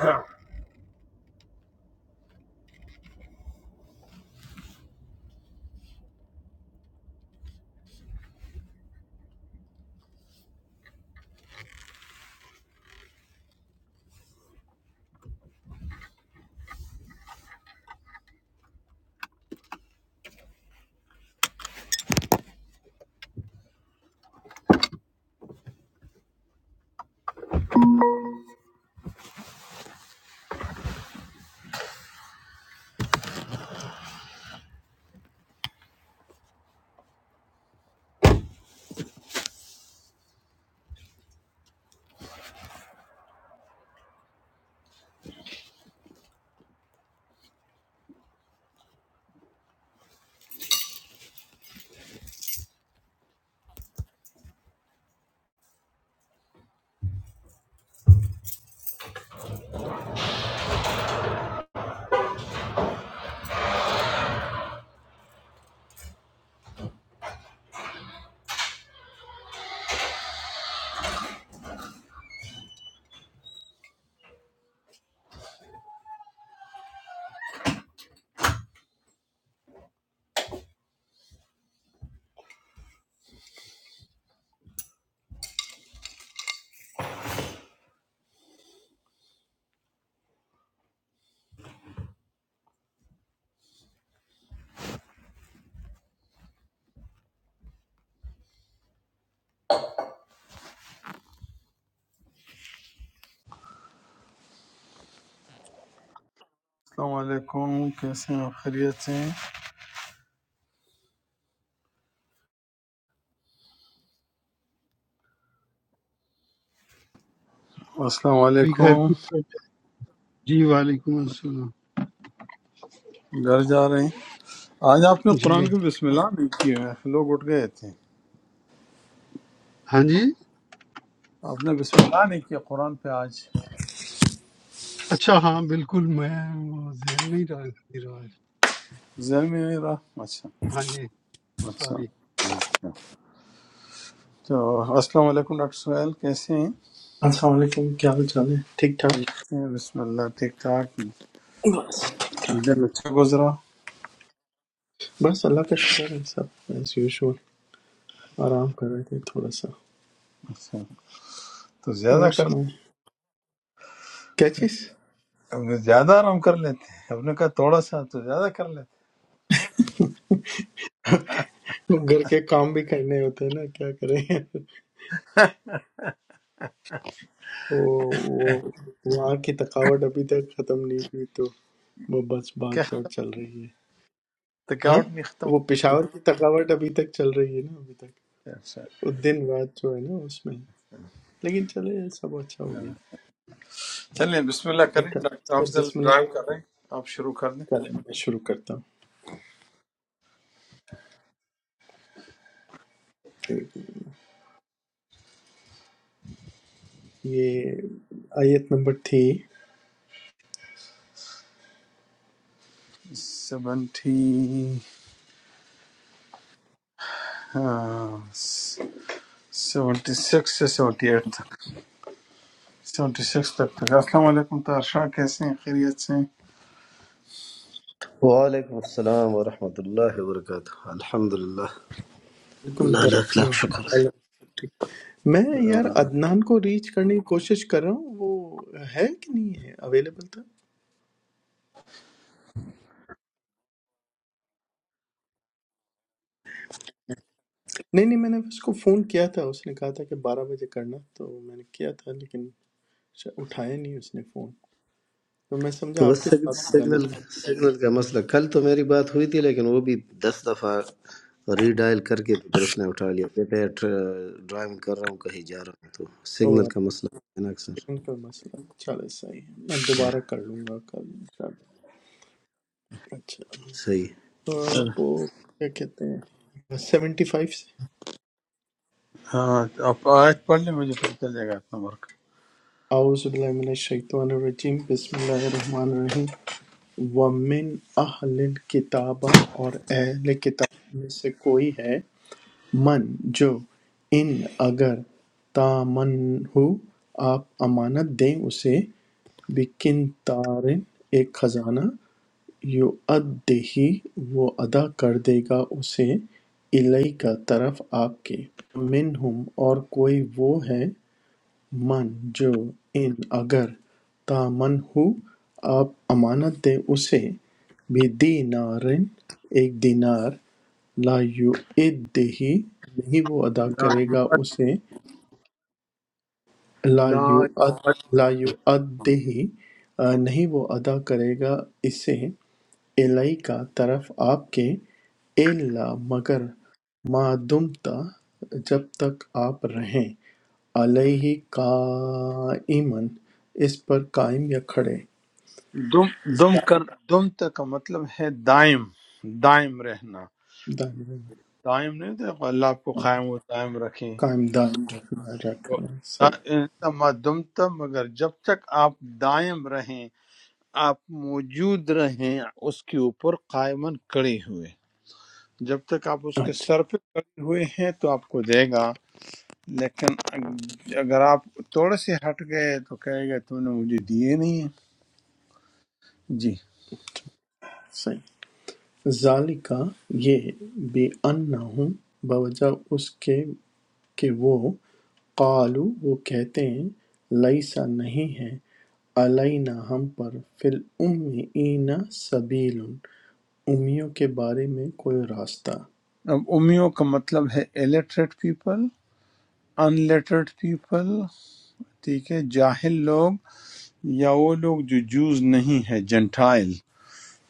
السلام علیکم کیسے ہیں خیریت سے ہیں السلام ابھی گھر علیکم کی طرف جا- جی وعلیکم السلام گھر جا رہے ہیں آج آپ نے جی قرآن کی بسم اللہ نہیں کی ہے لوگ اٹھ گئے تھے ہاں جی آپ نے بسم اللہ نہیں کیا قرآن پہ آج اچھا ہاں بالکل میں وہ ذہن میں ہی رہ نہیں رہا ہے۔ ذہن میں نہیں رہا اچھا ہاں جی اچھا سوری تو السلام علیکم ڈاکٹر سہیل کیسے ہیں السلام علیکم کیا حال چال ہے ٹھیک ٹھاک خیریت سے ہیں؟ بسم اللہ ٹھیک ٹھاک بس ٹھیک ٹھاک دن اچھا گزرا بس اللہ کا شکر ہے سب ایز یوزول آرام کر رہے تھے تھوڑا سا اچھا تو زیادہ اور کر سنائیں کیا چیز زیادہ آرام کر لیتے ہیں ہم نے کہا تھوڑا سا تو زیادہ کر لیتے گھر کے کام بھی کرنے ہوتے ہیں نا کیا کریں وہ وہ وہاں کی تھکاوٹ ابھی تک ختم نہیں ہوئی تو وہ بس ہیں بھاگ کیا دوڑ چل رہی ہے ہاں تھکاوٹ نہیں ختم وہ پشاور کی تھکاوٹ ابھی تک چل رہی ہے نا ابھی تک ہوتی؟ اچھا وہ دن رات جو ہے نا اس میں لیکن چلے سب اچھا ہو گیا چلیں بسم اللہ کریں ڈاکٹر چلے افضل بسم اللہ ڈرائیو کر رہے ہیں آپ شروع کر دیں چلے میں شروع کرتا ہوں یہ آیت نمبر تھی سیونٹی ہاں، سیونٹی سکس سے سیونٹی ایٹ تک سیونٹی سکس تک تک السلام علیکم طاہر شاہ کیسے ہیں خیریت سے ہیں؟ Waalaikumussalam warahmatullahi wabarakatuh. Alhamdulillah. علیکم Allah akla khshkar. تعالیٰ۔ میں یار آہ، عدنان کو ریچ کرنے کی کوشش کر رہا ہوں وہ ہے کہ نہیں ہے اویلیبل تھا نہیں نہیں میں نے اس کو فون کیا تھا اس نے کہا تھا کہ بارہ بجے کرنا تو میں نے کیا تھا لیکن شا- اٹھایا نہیں اس نے فون تو میں سمجھا Toh آپ کے signal ساتھ ہو جانا signal signal ka masla. Kali toh meri baat hui thi, lakin wo bhi dast dafa re dial karke, fir usne utaaliya. Kya pehle driving kar raha hu, kahin ja raha hu toh signal اوہ، ka masla. Naak sir. Second کا مسئلہ چلے صحیح ہے میں Ah, دوبارہ کر لوں گا کل انشاءاللہ۔ اچھا siy. آ، سر، وہ کیا کہتے ہیں سیونٹی فائیو ہاں آپ آیت پڑھ لیں مجھے پتہ چل جائے گا آپ نمبر کا اعوذ باللہ من الشیطان الرجیم بسم اللہ الرحمن الرحیم ومن اہل الکتاب اور اہل کتاب میں سے کوئی ہے من جو ان اگر تامن ہو آپ امانت دیں اسے بکن تارن ایک خزانہ یو ادہی وہ ادا کر دے گا اسے الی کا طرف آپ کے منہم اور کوئی وہ ہے من جو ان اگر دامن ہو آپ امانت دیں اسے بدینارن ایک دینار لا یؤدہ نہیں وہ ادا لا کرے گا یؤد- اسے لا لا یؤد- یؤد لا یؤدہ آ، نہیں وہ ادا کرے گا اسے الائی کا طرف آپ کے الا مگر ما دمتا جب تک آپ رہیں علیہ قائمن اس پر قائم یا کھڑے دم دم زا- کر دم تک کا مطلب ہے دائم دائم رہنا دائرے میں۔ دائم نہیں تو اللہ آپ کو قائم و دائم رکھیں قائم دائم رکھنا تو رکھنا تا- صحیح انما دمتم مگر جب تک آپ دائم رہیں آپ موجود رہیں اس کے اوپر قائمن کڑے ہوئے جب تک آپ اس کے اچھا سر پہ کڑے ہوئے ہیں تو آپ کو دے گا لیکن اگ- اگر آپ تھوڑے سے ہٹ گئے تو کہے گا تم نے مجھے دیے نہیں ہیں۔ جی صحیح ذالکہ یہ بے انہم بوجہ اس کے کہ وہ قالو وہ کہتے ہیں لیسا نہیں ہے علینا ہم پر فی الامیین سبیل امیوں کے بارے میں کوئی راستہ اب امیوں کا مطلب ہے illiterate people unlettered people ٹھیک ہے جاہل لوگ یا وہ لوگ جو جوز نہیں ہے جنٹائل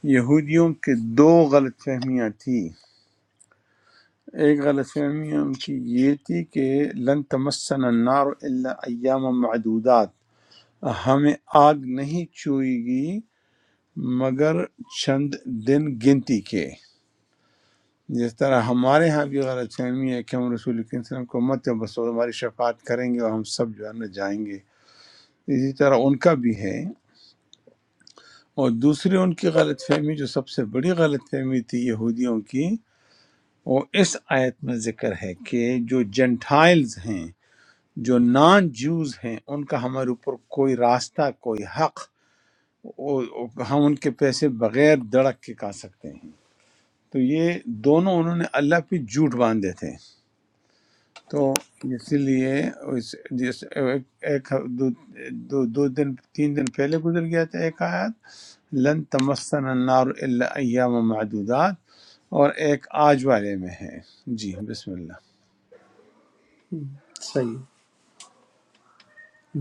یہودیوں کے دو غلط فہمیاں تھی ایک غلط فہمی ان کی یہ تھی کہ لن تمسن النار الا ایام معدودات ہمیں آگ نہیں چوئے گی مگر چند دن گنتی کے جس طرح ہمارے ہاں بھی غلط فہمی ہے کہ ہم رسول کریم صلی اللہ علیہ وسلم کو مت بس ہماری شفاعت کریں گے اور ہم سب جو ہے نا جائیں گے اسی طرح ان کا بھی ہے اور دوسری ان کی غلط فہمی جو سب سے بڑی غلط فہمی تھی یہودیوں کی وہ اس آیت میں ذکر ہے کہ جو جنٹائلز ہیں جو نان جوز ہیں ان کا ہمارے اوپر کوئی راستہ کوئی حق وہ- وہ- ہم ان کے پیسے بغیر دڑک کے کھا سکتے ہیں تو یہ دونوں انہوں نے اللہ پہ جھوٹ باندھے تھے تو اسی لیے اس جس ایک ایک- دو, دو, دو دن تین دن پہلے گزر گیا تھا ایک آیت لن تمسن النار الا ایام معدودات اور ایک آج والے میں ہے جی بسم اللہ صحیح۔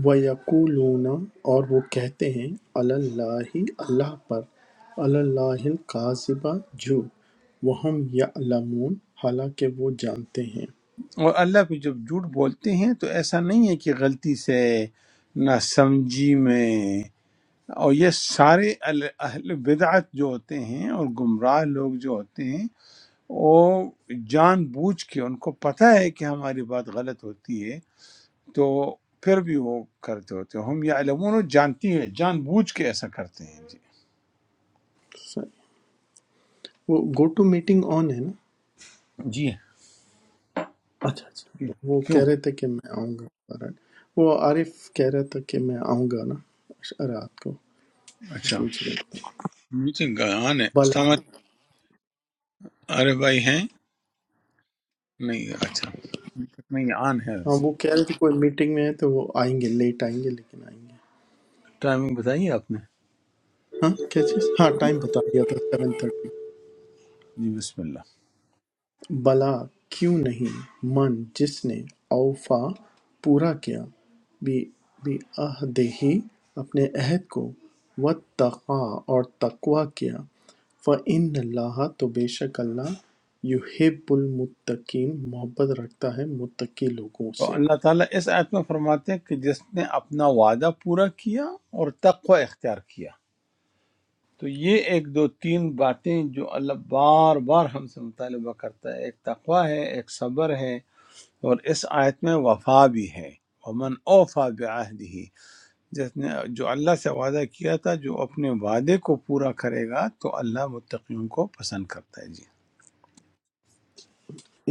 وَیَقُولُونَ اور وہ کہتے ہیں عَلَى اللّٰہِ اللہ پر عَلَى اللّٰہِ الْکَاذِبَ جھوٹ وَھُمْ یَعْلَمُونَ حالانکہ وہ جانتے ہیں اور اللہ پہ جب جھوٹ بولتے ہیں تو ایسا نہیں ہے کہ غلطی سے نہ سمجھی میں اور یہ سارے ال- اہل بدعت جو ہوتے ہیں اور گمراہ لوگ جو ہوتے ہیں وہ جان بوجھ کے ان کو پتہ ہے کہ ہماری بات غلط ہوتی ہے تو پھر بھی وہ کرتے ہوتے ہیں ہم یہ علمون جانتی ہے جان بوجھ کے ایسا کرتے ہیں صحیح۔ وہ گو ٹو میٹنگ آن ہے نا جی اچھا جی اچھا وہ کیوں کہہ رہے تھے کہ میں آؤں گا alright۔ وہ عارف کہہ رہا تھا کہ میں آؤں گا نا رات کو وہ اچھا پوچھ رہے تھے میٹنگ آن ہے بلا سمجھ ارے بھائی ہیں نہیں اچھا نہیں آن ہاں ہے وہ کہہ رہے تھے کوئی میٹنگ میں ہے تو وہ آئیں گے لیٹ آئیں گے لیکن آئیں گے ٹائمنگ بتائی ہے آپ نے ہاں کیا چیز ہاں ٹائم بتا دیا تھا 7:30 جی بسم اللہ بھلا کیوں نہیں من جس نے اوفیٰ پورا کیا بعہدہ اپنے عہد کو واتقی اور تقوی کیا فإن اللہ تو بے شک اللہ یحب المتقین محبت رکھتا ہے متقی لوگوں تو سے اللہ تعالیٰ اس آیت میں فرماتے ہیں کہ جس نے اپنا وعدہ پورا کیا اور تقوی اختیار کیا تو یہ ایک دو تین باتیں جو اللہ بار بار ہم سے مطالبہ کرتا ہے ایک تقوی ہے ایک صبر ہے اور اس آیت میں وفا بھی ہے ومن اوفا بعہدہ جس نے جو اللہ سے وعدہ کیا تھا جو اپنے وعدے کو پورا کرے گا تو اللہ متقیوں کو پسند کرتا ہے جی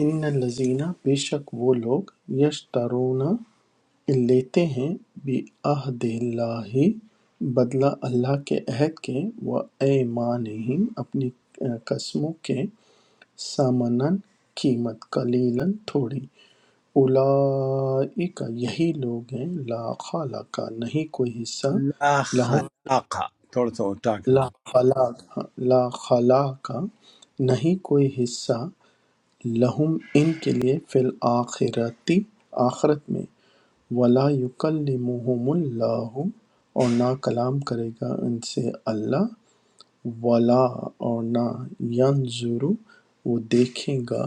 ان الذین بے شک وہ لوگ یشترون لیتے ہیں بعہد اللہ بدلہ اللہ کے عہد کے وَأَیْمَانِہِمْ اپنی قسموں کے ثمناً قیمت قلیلاً تھوڑی اولئک یہی لوگ ہیں لا خلاق نہیں کوئی حصہ لا لہم خلاق تھوڑا سا اٹھا کر لا خلاق لا خلاق نہیں کوئی حصہ لہم ان کے لیے فی الآخرتی آخرت میں وَلَا يُكَلِّمُهُمُ اللَّهُ اور نہ کلام کرے گا ان سے اللہ وَلَا اور نہ يَنظُرُ وہ دیکھے گا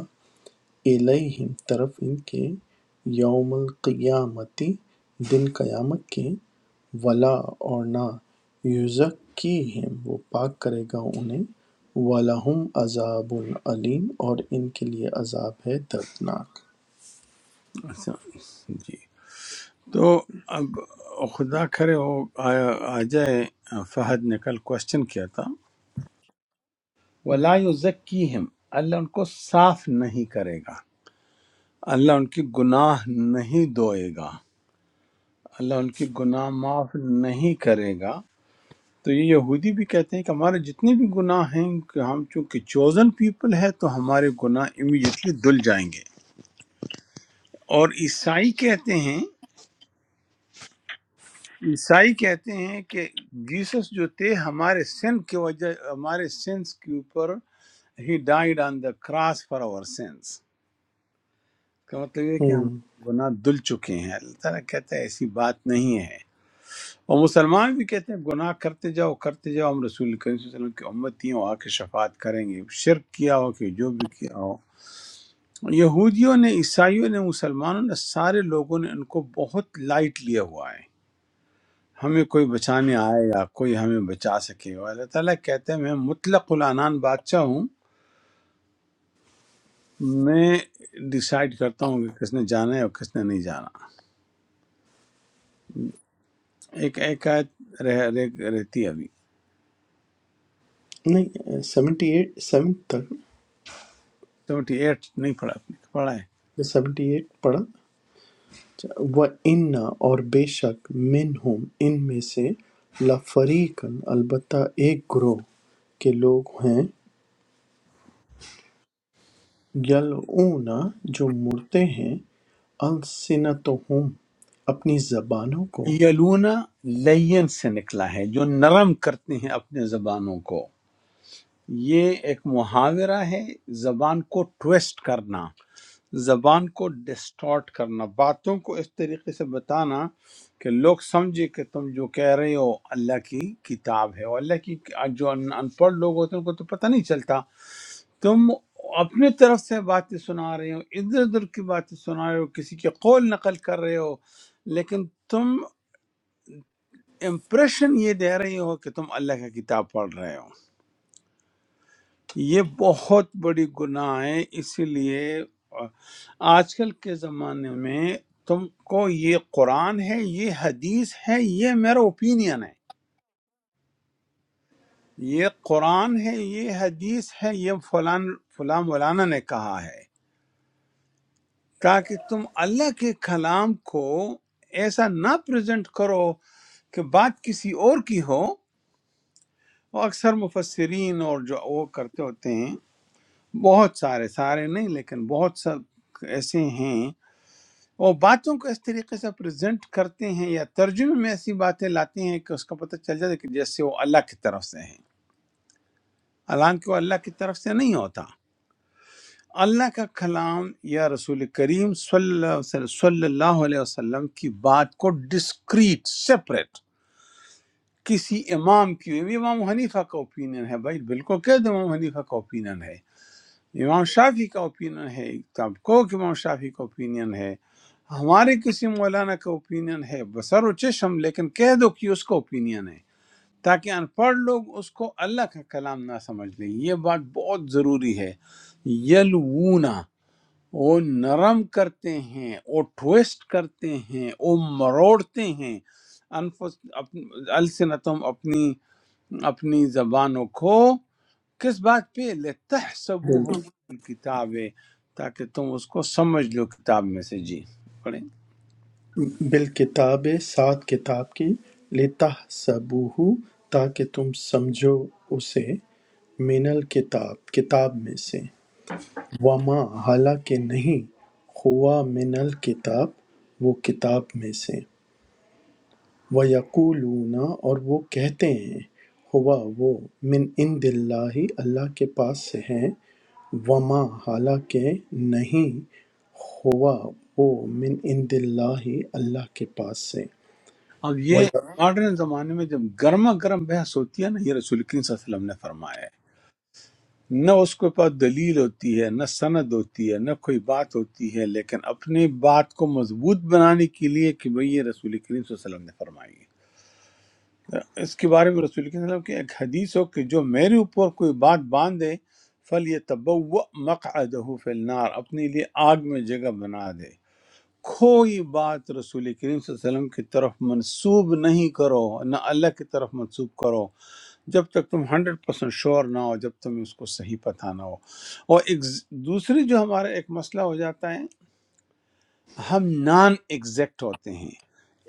الیہم طرف ان کے یوم القیامتی دن قیامت کے ولا اور نہ یزکیہم وہ پاک کرے گا انہیں وَلَهُمْ عَذَابٌ علیم اور ان کے لیے عذاب ہے دردناک اچھا جی تو اب خدا کرے وہ آیا- آ جائے فہد نے کل کوشچن کیا تھا ولا یزکیہم اللہ ان کو صاف نہیں کرے گا اللہ ان کی گناہ نہیں دھوئے گا اللہ ان کی گناہ معاف نہیں کرے گا تو یہ یہودی بھی کہتے ہیں کہ ہمارے جتنے بھی گناہ ہیں کہ ہم چونکہ چوزن پیپل ہے تو ہمارے گناہ امیڈیٹلی دھل جائیں گے اور عیسائی کہتے ہیں عیسائی کہتے ہیں کہ جیسس جو تھے ہمارے سن کے وجہ ہمارے سنس کے اوپر he died on the cross for our sins کا مطلب یہ ہے کہ ہم ہوں گناہ دل چکے ہیں اللہ تعالیٰ کہتا ہے ایسی بات نہیں ہے اور مسلمان بھی کہتے ہیں گناہ کرتے جاؤ کرتے جاؤ ہم رسول کریم صلی اللہ علیہ وسلم کی امتی ہوں آ کے شفاعت کریں گے شرک کیا ہو کہ جو بھی کیا ہو یہودیوں نے عیسائیوں نے مسلمانوں نے سارے لوگوں نے ان کو بہت لائٹ لیا ہوا ہے ہمیں کوئی بچانے آئے گا کوئی ہمیں بچا سکے گا اللہ تعالیٰ کہتے ہیں میں مطلق العنان بادشاہ ہوں میں ڈیسائیڈ کرتا ہوں کہ کس نے جانا ہے اور کس نے نہیں جانا ایک ایک آیت رہ, رہ, رہتی ہے ابھی نہیں سیونٹی ایٹ سیون تک سیونٹی ایٹ نہیں پڑھا آپ نے پڑھا 78 پڑھا اچھا وَإِنَّ اور بے شک منہم ان میں سے لفریقن البتہ ایک گروہ کے لوگ ہیں یلعون جو مڑتے ہیں السنتہم اپنی زبانوں کو ہے یلونا لین سے نکلا ہے جو نرم کرتے ہیں اپنے زبانوں کو یہ ایک محاورہ ہے زبان کو ٹویسٹ کرنا زبان کو ڈسٹارٹ کرنا باتوں کو اس طریقے سے بتانا کہ لوگ سمجھے کہ تم جو کہہ رہے ہو اللہ کی کتاب ہے اور اللہ کی جو ان ان پڑھ لوگ ہوتے ہیں ان کو تو پتہ نہیں چلتا تم اپنے طرف سے باتیں سنا رہے ہو ادھر ادھر کی باتیں سنا رہے ہو کسی کے قول نقل کر رہے ہو لیکن تم امپریشن یہ دے رہے ہو کہ تم اللہ کی کتاب پڑھ رہے ہو یہ بہت بڑی گناہ ہے اسی لیے آج کل کے زمانے میں تم کو یہ قرآن ہے یہ حدیث ہے یہ میرا اوپینین ہے یہ قرآن ہے یہ حدیث ہے یہ فلان فلاں مولانا نے کہا ہے تاکہ تم اللہ کے کلام کو ایسا نہ پریزنٹ کرو کہ بات کسی اور کی ہو اور اکثر مفسرین اور جو وہ کرتے ہوتے ہیں بہت سارے سارے نہیں لیکن بہت سب ایسے ہیں وہ باتوں کو اس طریقے سے پریزنٹ کرتے ہیں یا ترجمے میں ایسی باتیں لاتے ہیں کہ اس کا پتہ چل جاتا ہے کہ جیسے وہ اللہ کی طرف سے ہیں حالانکہ وہ اللہ کی طرف سے نہیں ہوتا اللہ کا کلام یا رسول کریم صلی اللہ علیہ وسلم صلی اللہ علیہ وسلم کی بات کو ڈسکریٹ سپریٹ کسی امام کی یہ امام حنیفہ کا اوپینین ہے بھائی بالکل کہہ دو امام حنیفہ کا اوپینین ہے امام شافی کا اوپینین ہے ایک آپ کو کہ امام شافی کا اوپینین ہے ہمارے کسی مولانا کا اوپینین ہے بسر و چشم لیکن کہہ دو کہ اس کا اوپینین ہے تاکہ ان پڑھ لوگ اس کو اللہ کا کلام نہ سمجھ لیں یہ بات بہت ضروری ہے یلونا وہ نرم کرتے ہیں وہ ٹویسٹ کرتے ہیں وہ مروڑتے ہیں انفس اپنی السنتم اپنی اپنی زبانوں کو کس بات پہ لتحسبوه بال- من الکتاب تاکہ تم اس کو سمجھ لو کتاب میں سے جی پڑھیں بالکتاب سات کتاب کی لتحسبوہ تاکہ تم سمجھو اسے من الکتاب کتاب میں سے وما حالانکہ نہیں ہوا من الکتاب وہ کتاب میں سے ویقولون اور وہ کہتے ہیں ہوا وہ من عند اللہ اللہ کے پاس سے ہیں وما حالانکہ نہیں ہوا وہ من عند اللہ اللہ کے پاس سے اب یہ ماڈرن زمانے میں جب گرما گرم بحث ہوتی ہے نا یہ رسول کریم صلی اللہ علیہ وسلم نے فرمایا ہے نہ اس کے پاس دلیل ہوتی ہے نہ سند ہوتی ہے نہ کوئی بات ہوتی ہے لیکن اپنی بات کو مضبوط بنانے کے لیے کہ بھئی یہ رسول کریم صلی اللہ علیہ وسلم نے فرمائی ہے اس کے بارے میں رسول کے وسلم کی ایک حدیث ہو کہ جو میرے اوپر کوئی بات باندھ دے فل یہ مقعدہ فی النار اپنے لیے آگ میں جگہ بنا دے کوئی بات رسول کریم صلی اللہ علیہ وسلم کی طرف منسوب نہیں کرو نہ اللہ کی طرف منسوب کرو جب تک تم ہنڈریڈ پرسینٹ شور نہ ہو جب تم اس کو صحیح پتہ نہ ہو اور ایک ز- دوسری جو ہمارا ایک مسئلہ ہو جاتا ہے ہم نان ایگزیکٹ ہوتے ہیں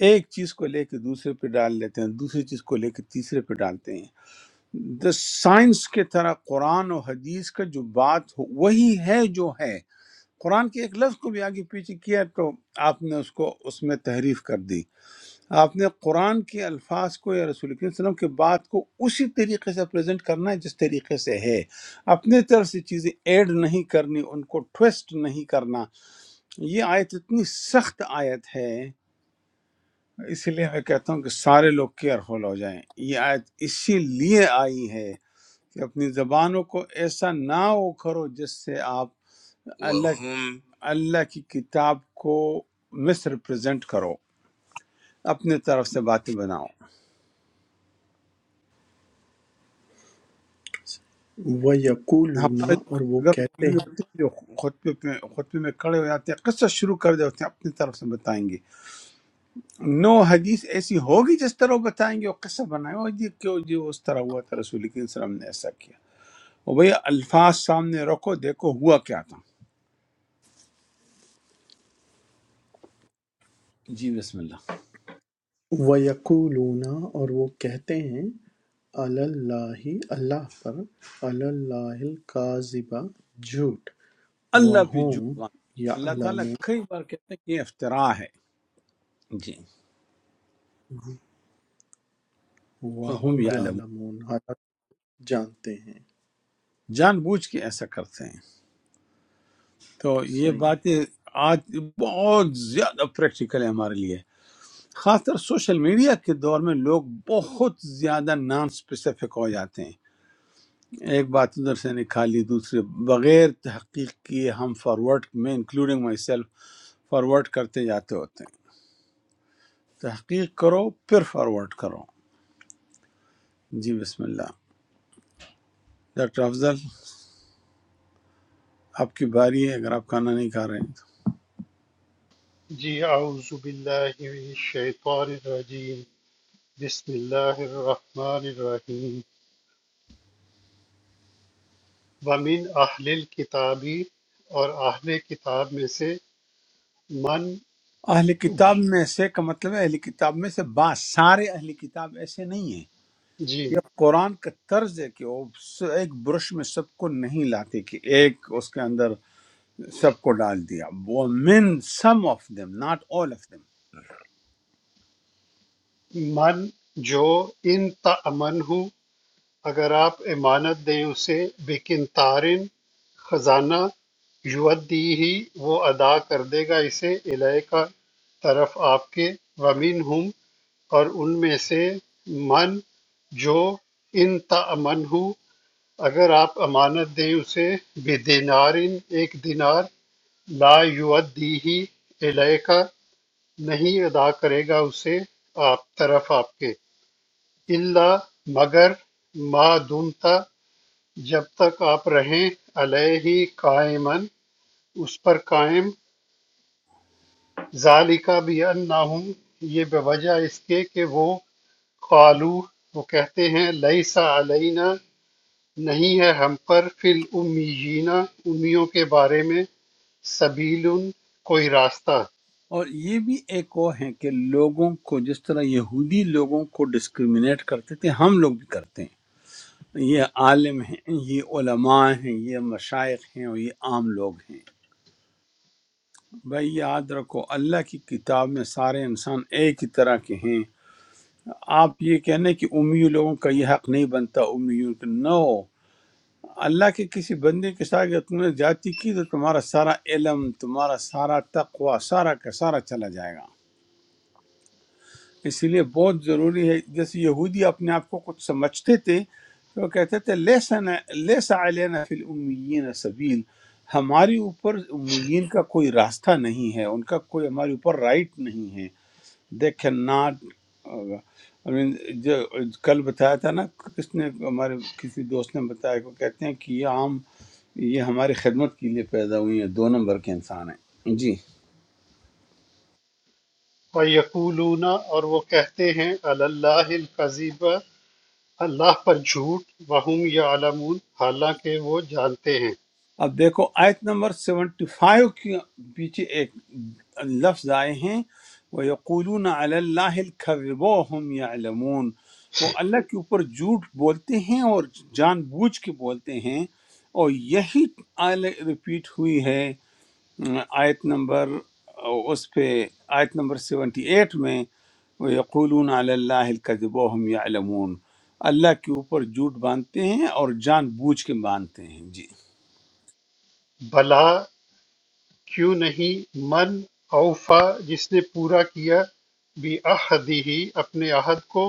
ایک چیز کو لے کے دوسرے پہ ڈال لیتے ہیں دوسری چیز کو لے کے تیسرے پہ ڈالتے ہیں دا سائنس کے طرح قرآن و حدیث کا جو بات ہو وہی ہے جو ہے قرآن کے ایک لفظ کو بھی آگے پیچھے کیا تو آپ نے اس کو اس میں تحریف کر دی آپ نے قرآن کے الفاظ کو یا رسول کریم صلی اللہ علیہ وسلم کے بات کو اسی طریقے سے پریزنٹ کرنا ہے جس طریقے سے ہے اپنے طرف سے چیزیں ایڈ نہیں کرنی ان کو ٹویسٹ نہیں کرنا یہ آیت اتنی سخت آیت ہے اسی لیے میں کہتا ہوں کہ سارے لوگ کیئرفل ہو جائیں یہ آیت اسی لیے آئی ہے کہ اپنی زبانوں کو ایسا نہ وہ کرو جس سے آپ اللہ وَهُمْ اللہ کی کتاب کو مس ریپرزینٹ کرو اپنے طرف سے باتیں بناؤ ویقولون ہمارے جو اور وہ اگر کہتے مولوی ہیں ہوتے ہیں جو خطبے پہ خطبے میں کھڑے ہو جاتے ہیں قصہ شروع کر دیتے ہیں اپنی طرف سے بتائیں گے نو حدیث ایسی ہوگی جس طرح وہ بتائیں گے وہ قصہ بنائے وہ جی کہ وہ جی اس طرح ہوا تھا رسول کریم صلی اللہ علیہ وسلم نے ایسا کیا وہ بھئی الفاظ سامنے رکھو دیکھو ہوا کیا تھا جی بسم اللہ۔ ویقولون اور وہ کہتے ہیں علی اللہ اللہ پر علی اللہ الکاذبَ جھوٹ اللہ پہ جھوٹ وَھُم باندھ اللہ تعالیٰ یعلمون کئی بار کہتے ہیں کہ یہ افترا ہے جی اور ہم وَھُم یعلم یعلمون حالانکہ جانتے ہیں جان بوجھ کے ایسا کرتے ہیں تو یہ صحیح ہے باتیں آج بہت زیادہ پریکٹیکل ہے ہمارے لیے خاص طور سوشل میڈیا کے دور میں لوگ بہت زیادہ نان اسپیسیفک ہو جاتے ہیں ایک بات ادھر سے نکالی دوسرے بغیر تحقیق کیے ہم فارورڈ میں انکلوڈنگ مائی سیلف فارورڈ کرتے جاتے ہوتے ہیں تحقیق کرو پھر فارورڈ کرو جی بسم اللہ ڈاکٹر افضل آپ کی باری ہے اگر آپ کھانا نہیں کھا رہے ہیں جی اعوذ باللہ من الشیطان الرجیم بسم اللہ الرحمن الرحیم ومن اہل الکتابی اور اہل کتاب میں سے من تو اہل کتاب میں سے کا مطلب ہے اہل کتاب میں سے بعض سارے اہل کتاب ایسے نہیں ہیں جی یہ قرآن کا طرز ہے کہ وہ س- ایک برش میں سب کو نہیں لاتے کہ ایک اس کے اندر سب کو ڈال دیا وہ men some of them not all of them men جو ان تأمن ہو اگر آپ امانت دیں اسے بکنتارن خزانہ رشوت دی ہی وہ ادا کردے گا اسے الیہ کا طرف آپ کے ومنہم اور ان میں سے من جو ان تأمنہ اگر آپ امانت دیں اسے بدینار ایک دینار لا یودی ہی الیہ کا نہیں ادا کرے گا اسے آپ طرف آپ کے اللہ مگر ما دمتا جب تک آپ رہیں علیہ قائمًا اس پر قائم ذَلِکَ بِأَنَّهُمْ یہ بوجہ اس کے کہ وہ قالوا وہ کہتے ہیں لیس علینا نہیں ہے ہم پر فی الامیین امیوں کے بارے میں سبیل کوئی راستہ اور یہ بھی ایک وہ ہے کہ لوگوں کو جس طرح یہودی لوگوں کو ڈسکریمنیٹ کرتے تھے ہم لوگ بھی کرتے ہیں یہ عالم ہیں یہ علماء ہیں یہ مشائق ہیں اور یہ عام لوگ ہیں بھائی یاد رکھو اللہ کی کتاب میں سارے انسان ایک ہی طرح کے ہیں آپ یہ کہنے کہ امیوں لوگوں کا یہ حق نہیں بنتا امیوں کا نو اللہ کے کسی بندے کے ساتھ اگر تم نے جاتی کی تو تمہارا سارا علم تمہارا سارا تقوی سارا کا سارا چلا جائے گا اس لیے بہت ضروری ہے جیسے یہودی اپنے آپ کو کچھ سمجھتے تھے تو وہ کہتے تھے لیسن لیسا علینا فی الامیین سبیل ہماری اوپر امیین کا کوئی راستہ نہیں ہے ان کا کوئی ہمارے اوپر رائٹ نہیں ہے they can not I mean, جو کل بتایا تھا نا کس نے ہمارے کسی دوست نے بتایا کو کہتے ہیں کہ یہ عام یہ ہماری خدمت کے لیے پیدا ہوئی ہیں دو نمبر کے انسان ہیں جی وَيَقُولُونَ اور وہ کہتے ہیں علی اللہ القذیب اللہ پر جھوٹ وَهُمْ يَعْلَمُونَ حالانکہ وہ جانتے ہیں اب دیکھو آیت نمبر 75 کے پیچھے ایک لفظ آئے ہیں وہ یقولون علی اللہ الکذب وهم یعلمون وہ اللہ کے اوپر جھوٹ بولتے ہیں اور جان بوجھ کے بولتے ہیں اور یہی آیت ریپیٹ ہوئی ہے آیت نمبر اس پہ آیت نمبر سیونٹی ایٹ میں وہ یقولون علی اللہ الکذب وهم یعلمون اللہ کے اوپر جھوٹ باندھتے ہیں اور جان بوجھ کے باندھتے ہیں جی بلا کیوں نہیں من اوفیٰ جس نے پورا کیا بعہدہ اپنے عہد کو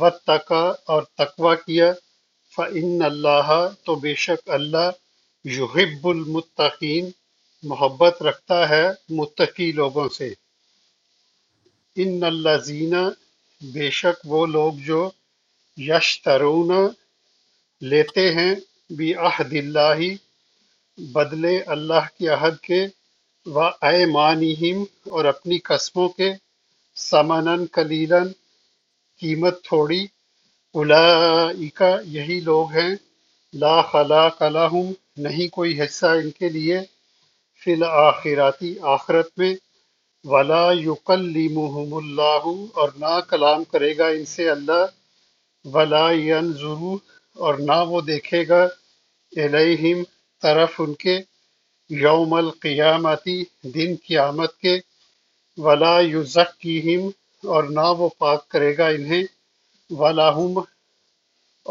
واتقی اور تقوی کیا فإن اللہ تو بے شک اللہ یحب المتقین محبت رکھتا ہے متقی لوگوں سے ان الذین بے شک وہ لوگ جو یشترون لیتے ہیں بعہد اللہ بدلے اللہ کے عہد کے وَأَيْمَانِهِمْ اور اپنی قسموں کے ثَمَنًا قَلِيلًا قیمت تھوڑی اولئک یہی لوگ ہیں لا خلاق لہم نہیں کوئی حصہ ان کے لیے فی الآخراتی آخرت میں ولا یکلمہم اللہ اور نہ کلام کرے گا ان سے اللہ ولا ینظرو اور نہ وہ دیکھے گا الیہم طرف ان کے یوم القیامتی دن قیامت کے ولا یزکیہم اور نہ وہ پاک کرے گا انہیں ولاہم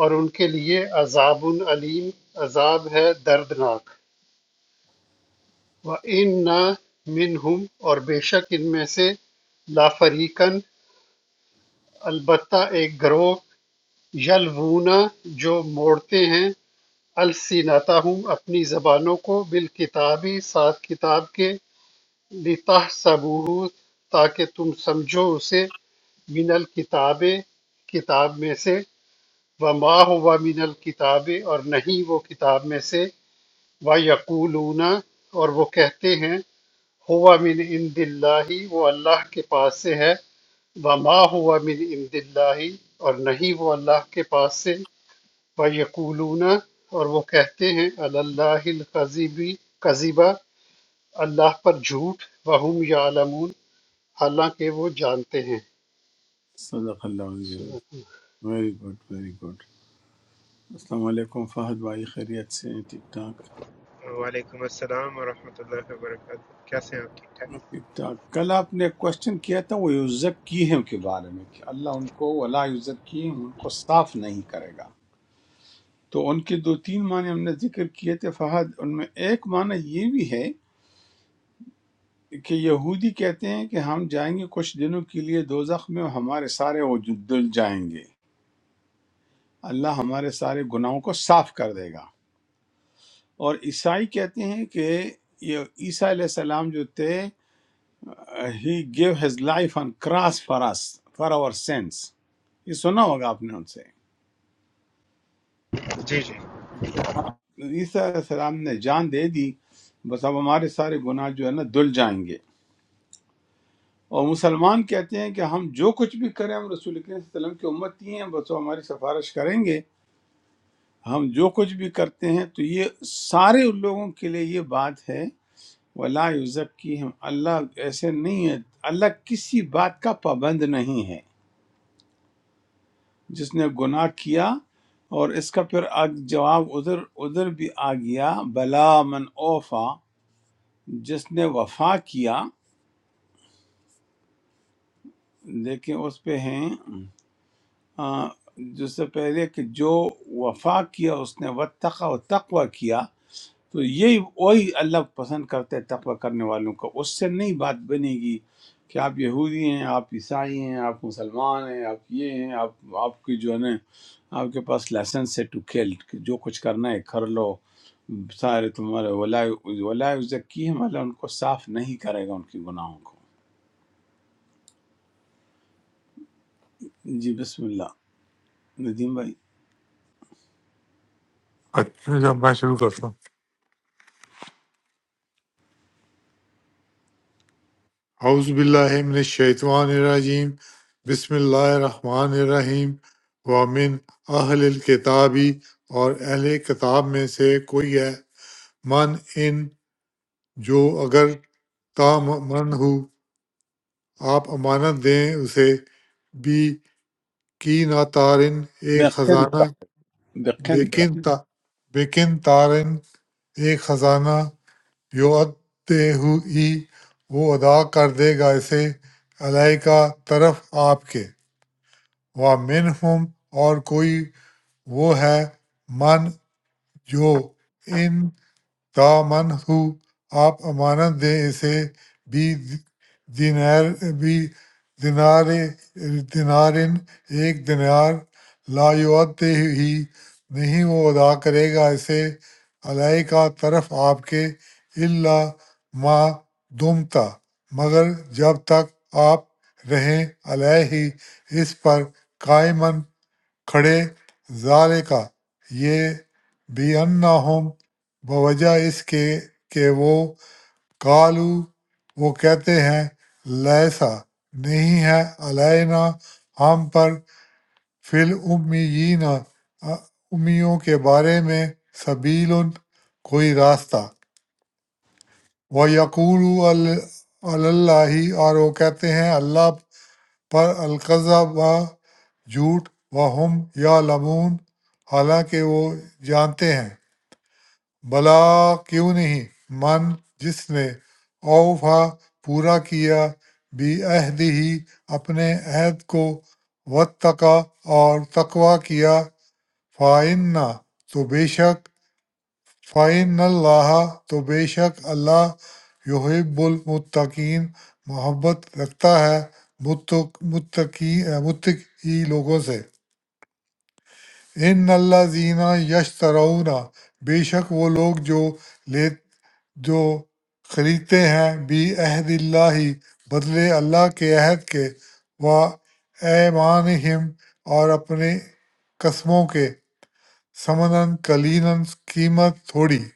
اور ان کے لیے عذاب علیم عذاب ہے دردناک و ان نہ منہم اور بے شک ان میں سے لافریقن البتہ ایک گروہ یلوونا جو موڑتے ہیں السینتاہم اپنی زبانوں کو بالکتابی ساتھ کتاب کے لِتَحْسَبُوهُ تاکہ تم سمجھو اسے مِنَ الْکِتَابِ کتاب میں سے وَمَا هُوَ مِنَ الْکِتَابِ اور نہیں وہ کتاب میں سے وَیَقُولُونَ اور وہ کہتے ہیں هُوَ مِنْ عِنْدِ اللَّهِ وہ اللہ کے پاس سے ہے وَمَا هُوَ مِنْ عِنْدِ اللَّهِ اور نہیں وہ اللہ کے پاس سے وَیَقُولُونَ اور وہ کہتے ہیں عَلَى اللَّهِ الْكَذِبِ کذیبہ اللہ پر جھوٹ وَهُمْ يَعْلَمُونَ حالانکہ وہ جانتے ہیں صدق اللہ علیہ ویری گڈ ویری گڈ السلام علیکم فہد بھائی خیریت سے ہیں؟ ٹھیک ٹھاک Assalamualaikum warahmatullahi wabarakatuh. How are you? ٹھیک ٹھاک کل آپ نے کوشچن کیا تھا وہ یوزک کی ہیں کے بارے میں کہ اللہ ان کو ولا یوزک کی ہم، ان کو صاف نہیں کرے گا تو ان کے دو تین معنی ہم نے ذکر کیے تھے فہد ان میں ایک معنی یہ بھی ہے کہ یہودی کہتے ہیں کہ ہم جائیں گے کچھ دنوں کے لیے دوزخ میں اور ہمارے سارے وجود دل جائیں گے اللہ ہمارے سارے گناہوں کو صاف کر دے گا اور عیسائی کہتے ہیں کہ یہ عیسیٰ علیہ السلام جو تھے he gave his life on cross for us for our sins یہ سنا ہوگا آپ نے ان سے Jiji. کہ ہاں عیسیٰ علیہ السلام نے جان دے دی بس اب ہمارے سارے گناہ جو ہے نا دل جائیں گے اور مسلمان کہتے ہیں کہ ہم جو کچھ بھی کریں ہم رسول کریم صلی اللہ علیہ وسلم کی امتی ہیں بس وہ ہماری سفارش کریں گے ہم جو کچھ بھی کرتے ہیں تو یہ سارے ان لوگوں کے لیے یہ بات ہے ولا یوزک کی ہم اللہ ایسے نہیں ہے اللہ کسی بات کا پابند نہیں ہے جس نے گناہ کیا اور اس کا پھر آگ- جواب ادھر ادھر بھی آ گیا بلا من اوفا جس نے وفا کیا لیکن اس پہ ہیں آ، جس سے پہلے کہ جو وفا کیا اس نے وتقا و تقوی کیا تو یہی وہی اللہ پسند کرتے تقوی کرنے والوں کو اس سے نہیں بات بنے گی کہ آپ یہودی ہیں آپ عیسائی ہیں آپ مسلمان ہیں آپ یہ ہیں آپ آپ کی جو ہے نا آپ کے پاس لائسنس ہے ٹو کھیل جو کچھ کرنا ہے کر لو سارے تمہارے ولا ولا ذکی ہم اللہ ان کو صاف نہیں کرے گا ان کے گناہوں کو جی بسم اللہ ندیم بھائی اچھا جب میں شروع کرتا ہوں اعوذ باللہ من الشیطان الرجیم بسم اللہ الرحمن الرحیم ومن اہل الکتابی اور اہل کتاب میں سے کوئی ہے من ان جو اگر تامن ہو آپ امانت دیں اسے بھی کی نہ تارن ایک خزانہ بقنتا بیکن تا بیکن تارن ایک خزانہ یوتے ہی وہ ادا کر دے گا اسے علیہ کا طرف آپ کے و من ہم اور کوئی وہ ہے من جو ان دامن ہو آپ امانت دیں اسے بھی دینار بھی دینار دینارن ایک دینار لا یعطے ہی نہیں وہ ادا کرے گا اسے علیہ کا طرف آپ کے اللہ ما دمتا مگر جب تک آپ رہیں علیہ ہی اس پر قائمن کھڑے ذالِکَ یہ بِأَنَّهُمْ بوجہ اس کے کہ وہ قالو وہ کہتے ہیں لیسا نہیں ہے علینا ہم پر فی الامیین امیوں کے بارے میں سبیل کوئی راستہ وہ یقول اللہ اور وہ کہتے ہیں اللہ پر القذب جھوٹ وہم یعلمون حالانکہ وہ جانتے ہیں بلا کیوں نہیں من جس نے اوفا پورا کیا بی عہد ہی اپنے عہد کو وتقا اور تقوا کیا فائنہ تو بے شک فَإِنَّ اللَّهَ تو بے شک اللہ یحب المتقین محبت رکھتا ہے متق- متقی متقی لوگوں سے ان اللہ زینا یشترون بے شک وہ لوگ جو لے جو خریدتے ہیں بی عہد اللہ بدلے اللہ کے عہد کے و ایمان اور اپنے قسموں کے سمنن کلینن قیمت تھوڑی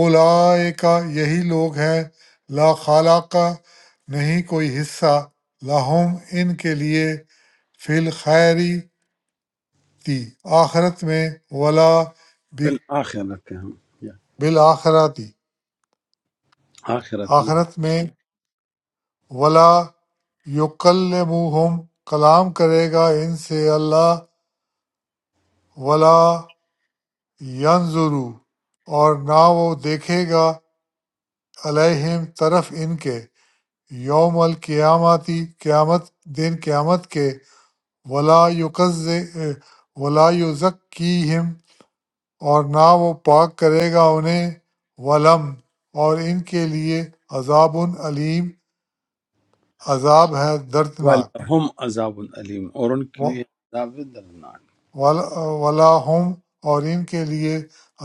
اولئک یہی لوگ ہیں لا خالق نہیں کوئی حصہ لہم ان کے لیے فی الخیری تی آخرت میں ولا فی بک- الآخرت ہم یا بالآخراتی آخرت میں آخرت میں ولا یکلمہم کلام کرے گا ان سے اللہ ولا ینظرو اور نہ وہ دیکھے گا علیہم طرف ان کے یوم القیامتی قیامت دن قیامت کے ولا یقز ولا یزکیہم اور نہ وہ پاک کرے گا انہیں ولم اور ان کے لیے عذاب علیم عذاب ہے دردناک وَلَهُمْ عَذَابٌ عَلِيمٌ اور ان کے و- لیے عذاب دردناک ول- ولا ہم اور ان کے لیے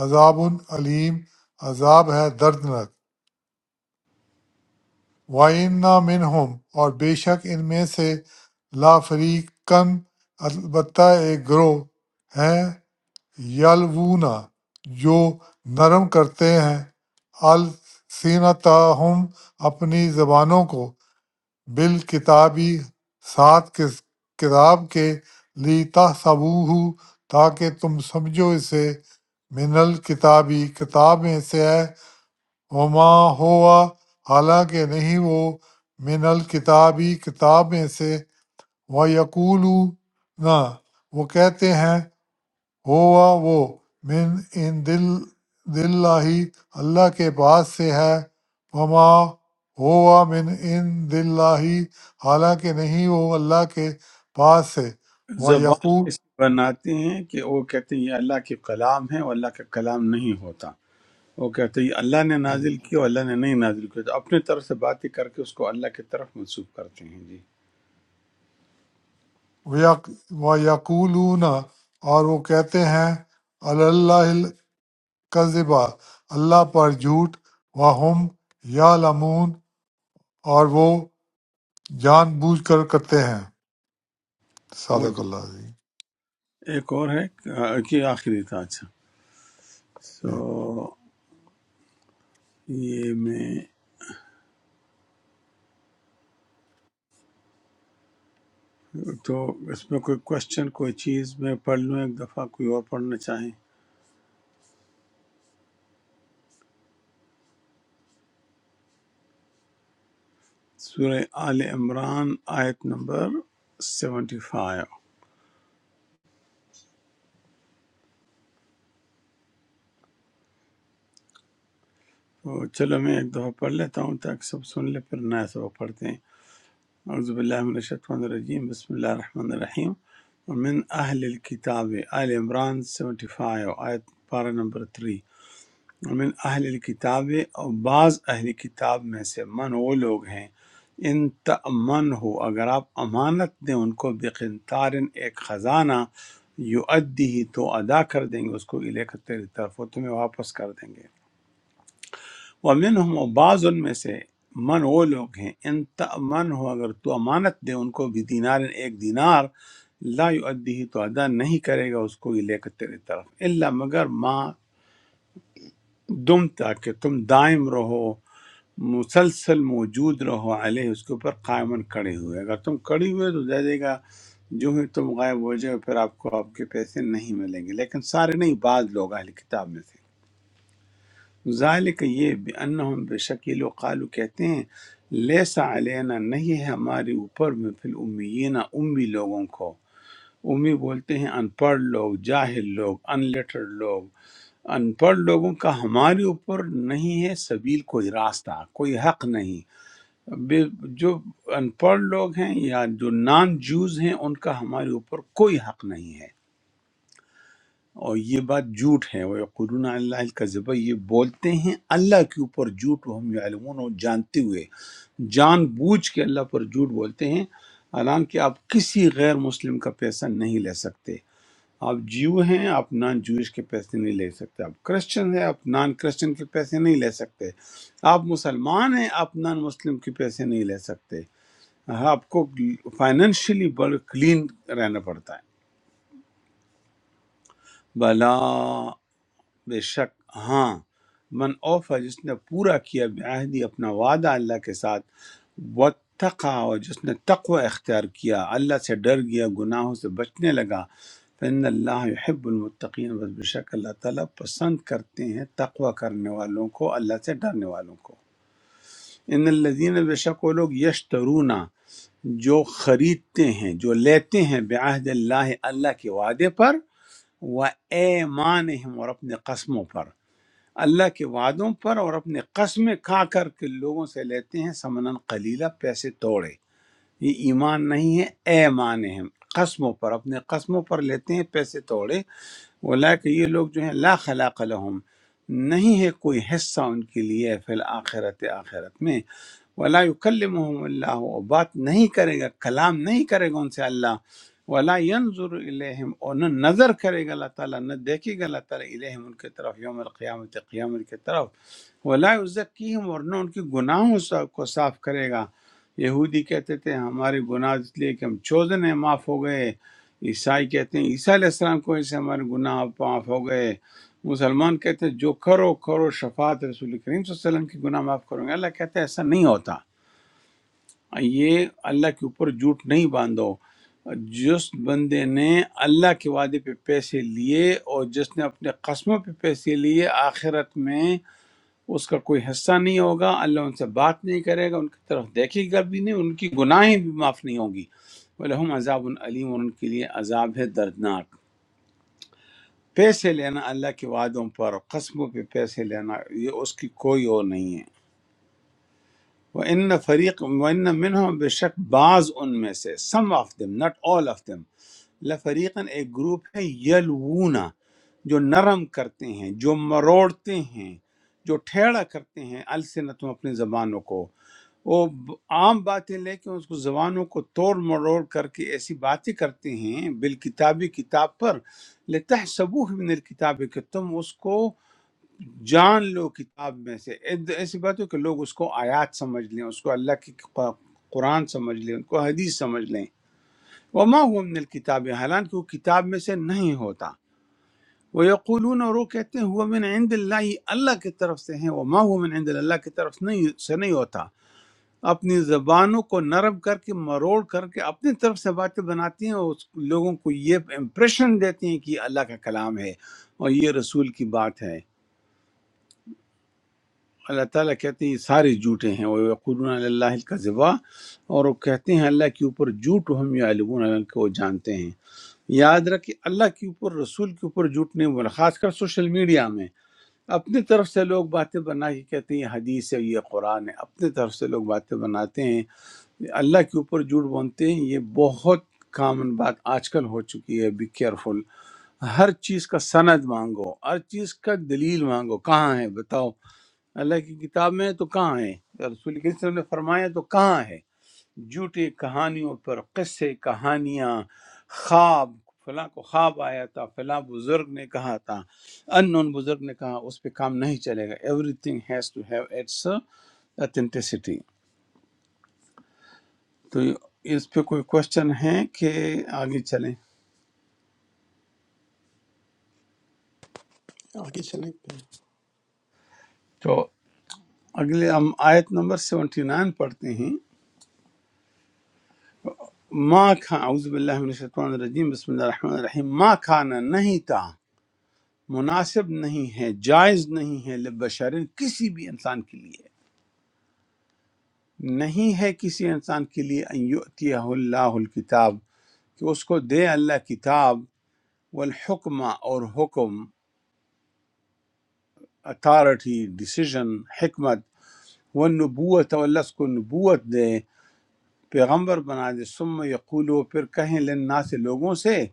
عذاب علیم عذاب ہے دردناک وَإِنَّ مِنْهُمْ اور بے شک ان میں سے لَفَرِيقًا البتہ ایک گروہ ہیں یلوون جو نرم کرتے ہیں السینتہم اپنی زبانوں کو بالکتابی ساتھ کس کتاب کے لیتحسبوہ تاکہ تم سمجھو اسے من الکتابی کتاب میں سے ہے وما ہوا حالانکہ نہیں وہ من الکتابی کتاب میں سے و یقولو نہ وہ کہتے ہیں ہوا وہ من ان دل دل اللہ کے پاس سے ہے وما ہوا من ان دل حالانکہ نہیں وہ اللہ کے پاس سے و زبان یقول اس لیے بناتے ہیں کہ وہ کہتے ہیں یہ اللہ کے کلام ہے اور اللہ کا کلام نہیں ہوتا وہ کہتے ہیں یہ اللہ نے جی نازل کیا اور اللہ نے نہیں نازل کیا تو اپنے طرف سے باتیں کر کے اس کو اللہ کی طرف منسوب کرتے ہیں جی و یقولون اور وہ کہتے ہیں اللہ کذبا اللہ پر جھوٹ وہم یعلمون اور وہ جان بوجھ کر کرتے ہیں وہ صادق جو- اللہ عظیم ایک اور ہے آ، کہ آخری تھا اچھا جی سو یہ میں تو اس میں کوئی کوشچن کوئی چیز میں پڑھ لوں ایک دفعہ کوئی اور پڑھنا چاہیں سورہ آل عمران آیت نمبر 75 تو چلو میں ایک دفعہ پڑھ لیتا ہوں تاکہ سب سن لے پھر نیا سبق پڑھتے ہیں اعوذ باللہ من الشیطان الرجیم بسم اللہ الرحمن الرحیم ومن اہل الکتاب آل عمران 75 آیت پارہ نمبر 3 من اہل کتاب اور بعض اہل کتاب میں سے من وہ لوگ ہیں ان تمن ہو اگر آپ امانت دیں ان کو بقنطارن ایک خزانہ یو ہی تو ادا کر دیں گے اس کو الے کر تیری طرف وہ تمہیں واپس کر دیں گے ومن ہم و بعض ان میں سے من وہ لوگ ہیں ان تمن ہو اگر تو امانت دے ان کو بھی دینار ایک دینار لا یؤدی تو ادا نہیں کرے گا اس کو الے کر تیری طرف اللہ مگر ما دم تاکہ تم دائم رہو مسلسل موجود رہو علیہ اس کے اوپر قائمن کڑے ہوئے اگر تم کڑی ہوئے تو دے دے گا جو ہی تم غائب ہو جائے پھر آپ کو آپ کے پیسے نہیں ملیں گے لیکن سارے نہیں بعض لوگ اہل کتاب میں تھے ذالک یہ بانہم بے شکیل و قالو کہتے ہیں لیسا علینا نہیں ہے ہمارے اوپر میں فی الامیین امی لوگوں کو امی بولتے ہیں ان پڑھ لوگ جاہل لوگ ان لیٹر لوگ ان پڑھ لوگوں کا ہمارے اوپر نہیں ہے سبیل کوئی راستہ کوئی حق نہیں بے- جو ان پڑھ لوگ ہیں یا جو نان جوز ہیں ان کا ہمارے اوپر کوئی حق نہیں ہے اور یہ بات جھوٹ ہے وہ قرون اللہ القذبہ یہ بولتے ہیں اللہ کے اوپر جھوٹ وہ ہم یعلمون اور جانتے ہوئے جان بوجھ کے اللہ پر جھوٹ بولتے ہیں حالانکہ آپ کسی غیر مسلم کا پیسہ نہیں لے سکتے آپ جیو ہیں آپ نان جوئش کے پیسے نہیں لے سکتے آپ کرسچن ہیں آپ نان کرسچن کے پیسے نہیں لے سکتے آپ مسلمان ہیں آپ نان مسلم کے پیسے نہیں لے سکتے آپ کو فائنینشلی بڑا کلین رہنا پڑتا ہے بلا بے شک ہاں من اوفا جس نے پورا کیا بعہدی اپنا وعدہ اللہ کے ساتھ واتقا اور جس نے تقوی اختیار کیا اللہ سے ڈر گیا گناہوں سے بچنے لگا فإن اللہ يحب المتقین بس بے شک اللہ تعالیٰ پسند کرتے ہیں تقوی کرنے والوں کو اللہ سے ڈرنے والوں کو ان الذین بے شک وہ لوگ یشترونا جو خریدتے ہیں جو لیتے ہیں بعہد اللہ اللہ کے وعدے پر و ایمانہم اور اپنے قسموں پر اللہ کے وعدوں پر اور اپنے قسمیں کھا کر کے لوگوں سے لیتے ہیں سمنن قلیلہ پیسے توڑے یہ ایمان نہیں ہے ایمان ہم قسموں پر اپنے قسموں پر لیتے ہیں پیسے توڑے کہ یہ لوگ جو ہیں لا خلاق لهم نہیں ہے کوئی حصہ ان کے لیے فی الآخرت آخرت میں ولا یکلمهم اللہ اور بات نہیں کرے گا کلام نہیں کرے گا ان سے اللہ ولا ینظر الیہم اور نہ نظر کرے گا اللہ تعالیٰ نہ دیکھے گا اللہ تعالیٰ الیہم ان کے طرف یوم القیامت قیامت کی طرف ولا یزکیہم اور نہ ان کے گناہوں سے کو صاف کرے گا یہودی کہتے تھے ہمارے گناہ اس لیے کہ ہم چوزن ہیں معاف ہو گئے عیسائی کہتے ہیں عیسیٰ علیہ السلام کو اس سے ہمارے گناہ معاف ہو گئے مسلمان کہتے ہیں جو کرو کرو شفاعت رسول کریم صلی اللہ علیہ وسلم کی گناہ معاف کروں گے اللہ کہتے ہیں ایسا نہیں ہوتا یہ اللہ کے اوپر جھوٹ نہیں باندھو جس بندے نے اللہ کے وعدے پہ پیسے لیے اور جس نے اپنے قسموں پہ پیسے لیے آخرت میں اس کا کوئی حصہ نہیں ہوگا اللہ ان سے بات نہیں کرے گا ان کی طرف دیکھے گا بھی نہیں ان کی گناہیں بھی معاف نہیں ہوگی وَلَهُمْ عذاب علیم اور ان کے لیے عذاب ہے دردناک پیسے لینا اللہ کے وعدوں پر قسموں پہ پیسے لینا یہ اس کی کوئی اور نہیں ہے وہ ان فریق و ان منہم بے شک بعض ان میں سے some of them not all of them لفریقن ایک گروپ ہے یلونا جو نرم کرتے ہیں جو مروڑتے ہیں جو ٹھیڑا کرتے ہیں السنتوں اپنی زبانوں کو وہ ب- عام باتیں لے کے اس کو زبانوں کو توڑ مروڑ کر کے ایسی باتیں کرتے ہیں بالکتابی کتاب پر لتحسبوہ من الکتاب کہ تم اس کو جان لو کتاب میں سے اید- ایسی بات ہو کہ لوگ اس کو آیات سمجھ لیں اس کو اللہ کی ق- قرآن سمجھ لیں ان کو حدیث سمجھ لیں وما هو من الکتاب حالانکہ وہ کتاب میں سے نہیں ہوتا وہ یقولون اور وہ کہتے ہیں ہوا من عند اللہ اللہ کی طرف سے ہیں وما هو من عند اللہ اللہ کی طرف سے نہیں سے نہیں ہوتا اپنی زبانوں کو نرم کر کے مروڑ کر کے اپنی طرف سے باتیں بناتی ہیں اور اس لوگوں کو یہ امپریشن دیتی ہیں کہ یہ اللہ کا کلام ہے اور یہ رسول کی بات ہے اللہ تعالیٰ کہتے ہیں یہ سارے جھوٹے ہیں وہ یقولون علی اللہ الکذبا اور وہ کہتے ہیں اللہ کے اوپر جھوٹ ہم یعلمون اللہ کو وہ جانتے ہیں یاد رکھیں اللہ کے اوپر رسول کے اوپر جھوٹ نہیں بولا خاص کر سوشل میڈیا میں اپنی طرف سے لوگ باتیں بنا کے کہتے ہیں یہ حدیث ہے یہ قرآن ہے اپنی طرف سے لوگ باتیں بناتے ہیں اللہ کے اوپر جھوٹ بولتے ہیں یہ بہت کامن بات آج کل ہو چکی ہے بی کیئرفل ہر چیز کا سند مانگو ہر چیز کا دلیل مانگو کہاں ہے بتاؤ اللہ کی کتاب میں ہے تو کہاں ہے رسول کریم صلی اللہ علیہ وسلم نے فرمایا تو کہاں ہے جھوٹی کہانیوں پر قصے کہانیاں خواب فلاں کو خواب آیا تھا فلاں بزرگ نے کہا تھا ان نون بزرگ نے کہا اس پہ کام نہیں چلے گا everything has to have its authenticity تو اس پہ کوئی کوشچن ہے کہ آگے چلیں آگے چلیں تو اگلے ہم آیت نمبر 79 پڑھتے ہیں ما کھا اعوذ باللہ من الشیطان الرجیم بسم اللہ الرحمن الرحیم ما کھانا نہیں تھا مناسب نہیں ہے جائز نہیں ہے لبشرن کسی بھی انسان کے لیے نہیں ہے کسی انسان کے لیے ان یؤتیہ اللہ الکتاب کہ اس کو دے اللہ کتاب والحکمہ اور حکم اتھارٹی ڈیسیژن حکمت والنبوت اور اللہ اس کو نبوت دے پیغمبر بنا دے ثم یقولو پھر کہیں لنا سے لوگوں سے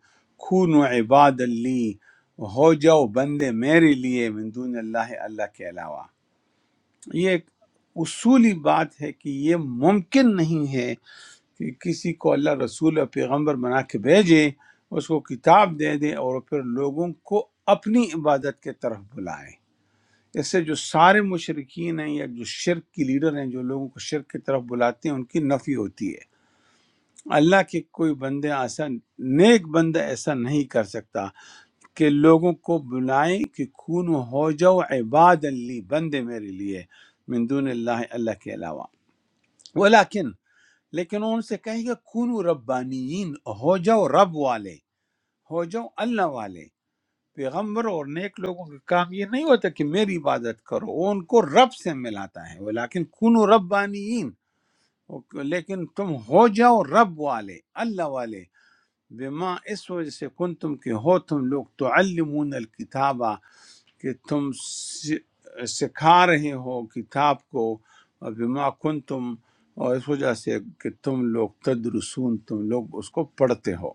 کھونو عباد لی ہو جاؤ بندے میرے لیے من دون اللہ اللہ کے علاوہ یہ ایک اصولی بات ہے کہ یہ ممکن نہیں ہے کہ کسی کو اللہ رسول اور پیغمبر بنا کے بھیجے اس کو کتاب دے دے اور پھر لوگوں کو اپنی عبادت کے طرف بلائے اس سے جو سارے مشرقین ہیں یا جو شرک کی لیڈر ہیں جو لوگوں کو شرک کی طرف بلاتے ہیں ان کی نفی ہوتی ہے اللہ کے کوئی بندے ایسا نیک بندہ ایسا نہیں کر سکتا کہ لوگوں کو بلائیں کہ کون ہو جاؤ عباد لی بندے میرے لیے من دون اللہ اللہ کے علاوہ ولیکن لیکن ان سے کہے گا کون ربانیین ہو جاؤ رب والے ہو جاؤ اللہ والے پیغمبر اور نیک لوگوں کا کام یہ نہیں ہوتا کہ میری عبادت کرو وہ ان کو رب سے ملاتا ہے ولیکن کون ربانیین لیکن تم ہو جاؤ رب والے اللہ والے بما اس وجہ سے کن تم کہ ہو تم لوگ تعلمون الکتابہ کہ تم س- سکھا رہے ہو کتاب کو اور بما کن تم اور اس وجہ سے کہ تم لوگ تدرسون تم لوگ اس کو پڑھتے ہو